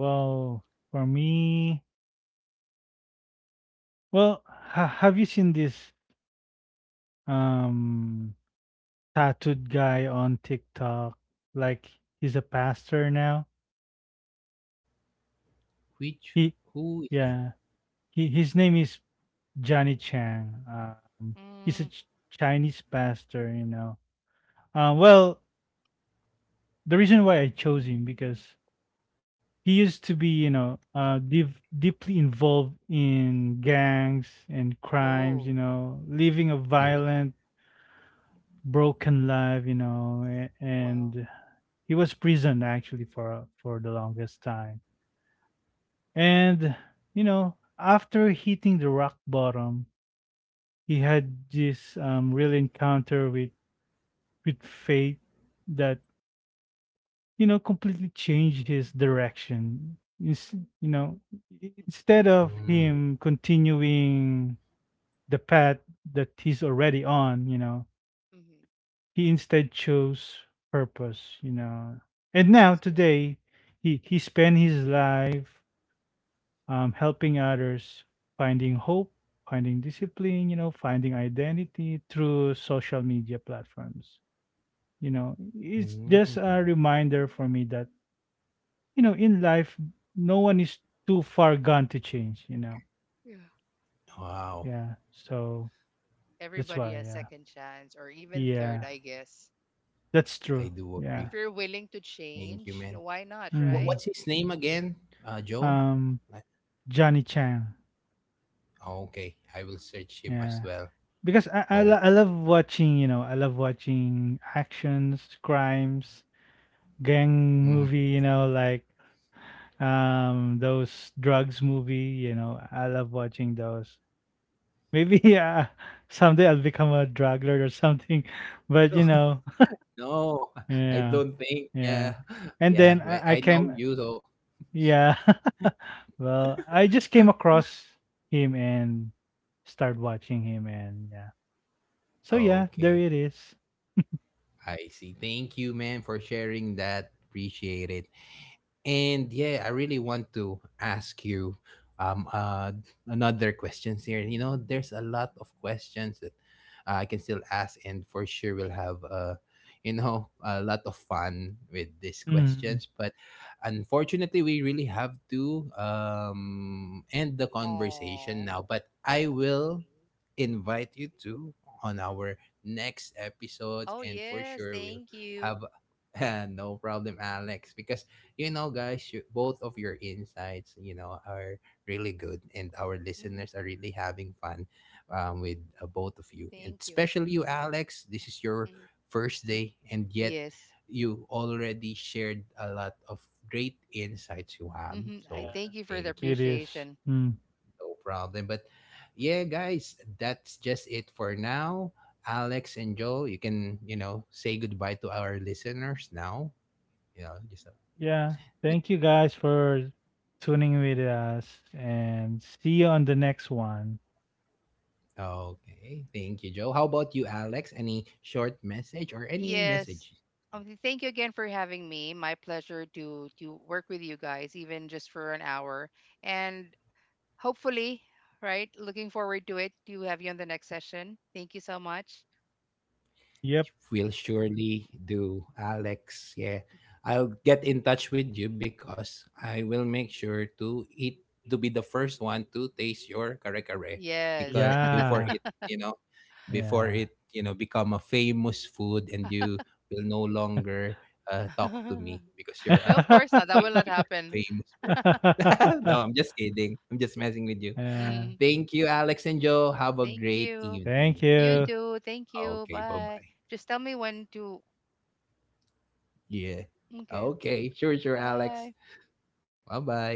Speaker 2: Well, for me, well, have you seen this um tattooed guy on TikTok? Like he's a pastor now.
Speaker 1: Which
Speaker 2: He
Speaker 1: who is that?
Speaker 2: yeah. He his name is Johnny Chang. He's a
Speaker 3: Mm.
Speaker 2: Chinese pastor. You know. Well, the reason why I chose him because he used to be you know deep, deeply involved in gangs and crimes.
Speaker 3: Oh,
Speaker 2: You know, living a
Speaker 1: Mm,
Speaker 2: violent broken life, you know,
Speaker 3: wow.
Speaker 2: and he was prisoned actually for the longest time. And you know, after hitting the rock bottom, he had this real encounter with fate that you know completely changed his direction. Ins- you know, instead of him continuing the path that he's already on, you know,
Speaker 3: Mm-hmm.
Speaker 2: he instead chose purpose, you know. And
Speaker 3: Well,
Speaker 2: now
Speaker 3: that's good.
Speaker 2: today, he spent his life helping others, finding hope, finding discipline, you know, finding identity through social media platforms. You know, it's just
Speaker 1: mm.
Speaker 2: a reminder for me that you know in life, no one is too far gone to change. You know,
Speaker 3: Yeah.
Speaker 1: Wow,
Speaker 2: yeah. So that's
Speaker 3: Everybody
Speaker 2: why,
Speaker 3: has
Speaker 2: yeah,
Speaker 3: second chance or even third,
Speaker 2: yeah,
Speaker 3: I guess.
Speaker 2: that's
Speaker 1: I
Speaker 2: true.
Speaker 1: do
Speaker 2: Yeah.
Speaker 3: If
Speaker 1: agree.
Speaker 3: you're willing to
Speaker 1: Thank you,
Speaker 3: change, you know,
Speaker 1: man.
Speaker 3: why not,
Speaker 1: What
Speaker 3: right?
Speaker 2: Hmm.
Speaker 1: what's his name again? Joe.
Speaker 2: Um,
Speaker 1: Like-
Speaker 2: Johnny Chang.
Speaker 1: Okay, I will search him as
Speaker 2: Yeah.
Speaker 1: well.
Speaker 2: Because I
Speaker 1: Okay.
Speaker 2: love watching you know I love watching actions crimes gang
Speaker 1: Mm.
Speaker 2: movie you know like those drugs movie you know I love watching those maybe someday I'll become a drug lord or something but you know
Speaker 1: No, I
Speaker 2: yeah
Speaker 1: don't think.
Speaker 2: yeah
Speaker 1: Yeah,
Speaker 2: and
Speaker 1: yeah.
Speaker 2: then
Speaker 1: Well,
Speaker 2: I
Speaker 1: I
Speaker 2: came
Speaker 1: know you though.
Speaker 2: yeah well I just came across him and started watching him and yeah so
Speaker 1: Oh,
Speaker 2: yeah there
Speaker 1: okay,
Speaker 2: it is.
Speaker 1: I see. Thank you, man, for sharing that. Appreciate it. And yeah, I really want to ask you um uh another questions here. You know, there's a lot of questions that I can still ask, and for sure we'll
Speaker 3: Mm-hmm.
Speaker 1: have a lot of fun with these
Speaker 2: Mhm.
Speaker 1: questions. But unfortunately, we really have to end the conversation
Speaker 3: Oh,
Speaker 1: now. But I will invite you to on our next episodes,
Speaker 3: oh,
Speaker 1: and for
Speaker 3: yes,
Speaker 1: sure we'll
Speaker 3: thank you.
Speaker 1: have no problem, Alex, because you know, guys, you, both of your insights, you know, are really good, and our
Speaker 3: Hmm.
Speaker 1: listeners are really having fun with both of you, and
Speaker 3: Thank you.
Speaker 1: especially you, Alex. This is your
Speaker 3: Hmm.
Speaker 1: first day, and yet
Speaker 3: Yes.
Speaker 1: you already shared a lot of great insights you have.
Speaker 3: Hmm. I
Speaker 1: So
Speaker 2: Yeah.
Speaker 3: thank you for the
Speaker 1: thank you.
Speaker 2: It is.
Speaker 3: appreciation.
Speaker 2: Mm.
Speaker 1: No problem. But yeah, guys, that's just it for now. Alex and Joe, you can, you know, say goodbye to our listeners now. You know, just
Speaker 2: Yeah. Thank you guys for tuning with us and see you on the next one.
Speaker 1: okay, thank you, Joe. How about you, Alex? Any short message or any
Speaker 3: Yes.
Speaker 1: message?
Speaker 3: Thank you again for having me. My pleasure to work with you guys, even just for an hour. And hopefully, right? Looking forward to have you on the next session. Thank you so much.
Speaker 2: Yep.
Speaker 1: We'll surely do, Alex. Yeah, I'll get in touch with you because I will make sure to eat to be the first one to taste your kare kare
Speaker 3: Yes.
Speaker 1: because before
Speaker 2: Yeah.
Speaker 1: it, you know, before
Speaker 2: Yeah.
Speaker 1: it, you know, become a famous food and you will no longer talk to me because you're
Speaker 3: No,
Speaker 1: a
Speaker 3: of course not. That will
Speaker 1: famous
Speaker 3: not happen.
Speaker 1: famous person. No, I'm just kidding. I'm just messing with you.
Speaker 2: Yeah.
Speaker 3: Mm,
Speaker 1: Thank you, Alex and Joe. Have a
Speaker 3: thank
Speaker 1: great
Speaker 3: you.
Speaker 2: Thank
Speaker 1: evening.
Speaker 3: You
Speaker 1: Okay.
Speaker 2: you.
Speaker 3: too. Thank you.
Speaker 1: Okay. Bye
Speaker 3: Bye.
Speaker 1: bye.
Speaker 3: Just tell me when to.
Speaker 1: Yeah.
Speaker 3: Okay.
Speaker 1: Okay. Sure, sure, Alex.
Speaker 3: Bye.
Speaker 1: Bye bye.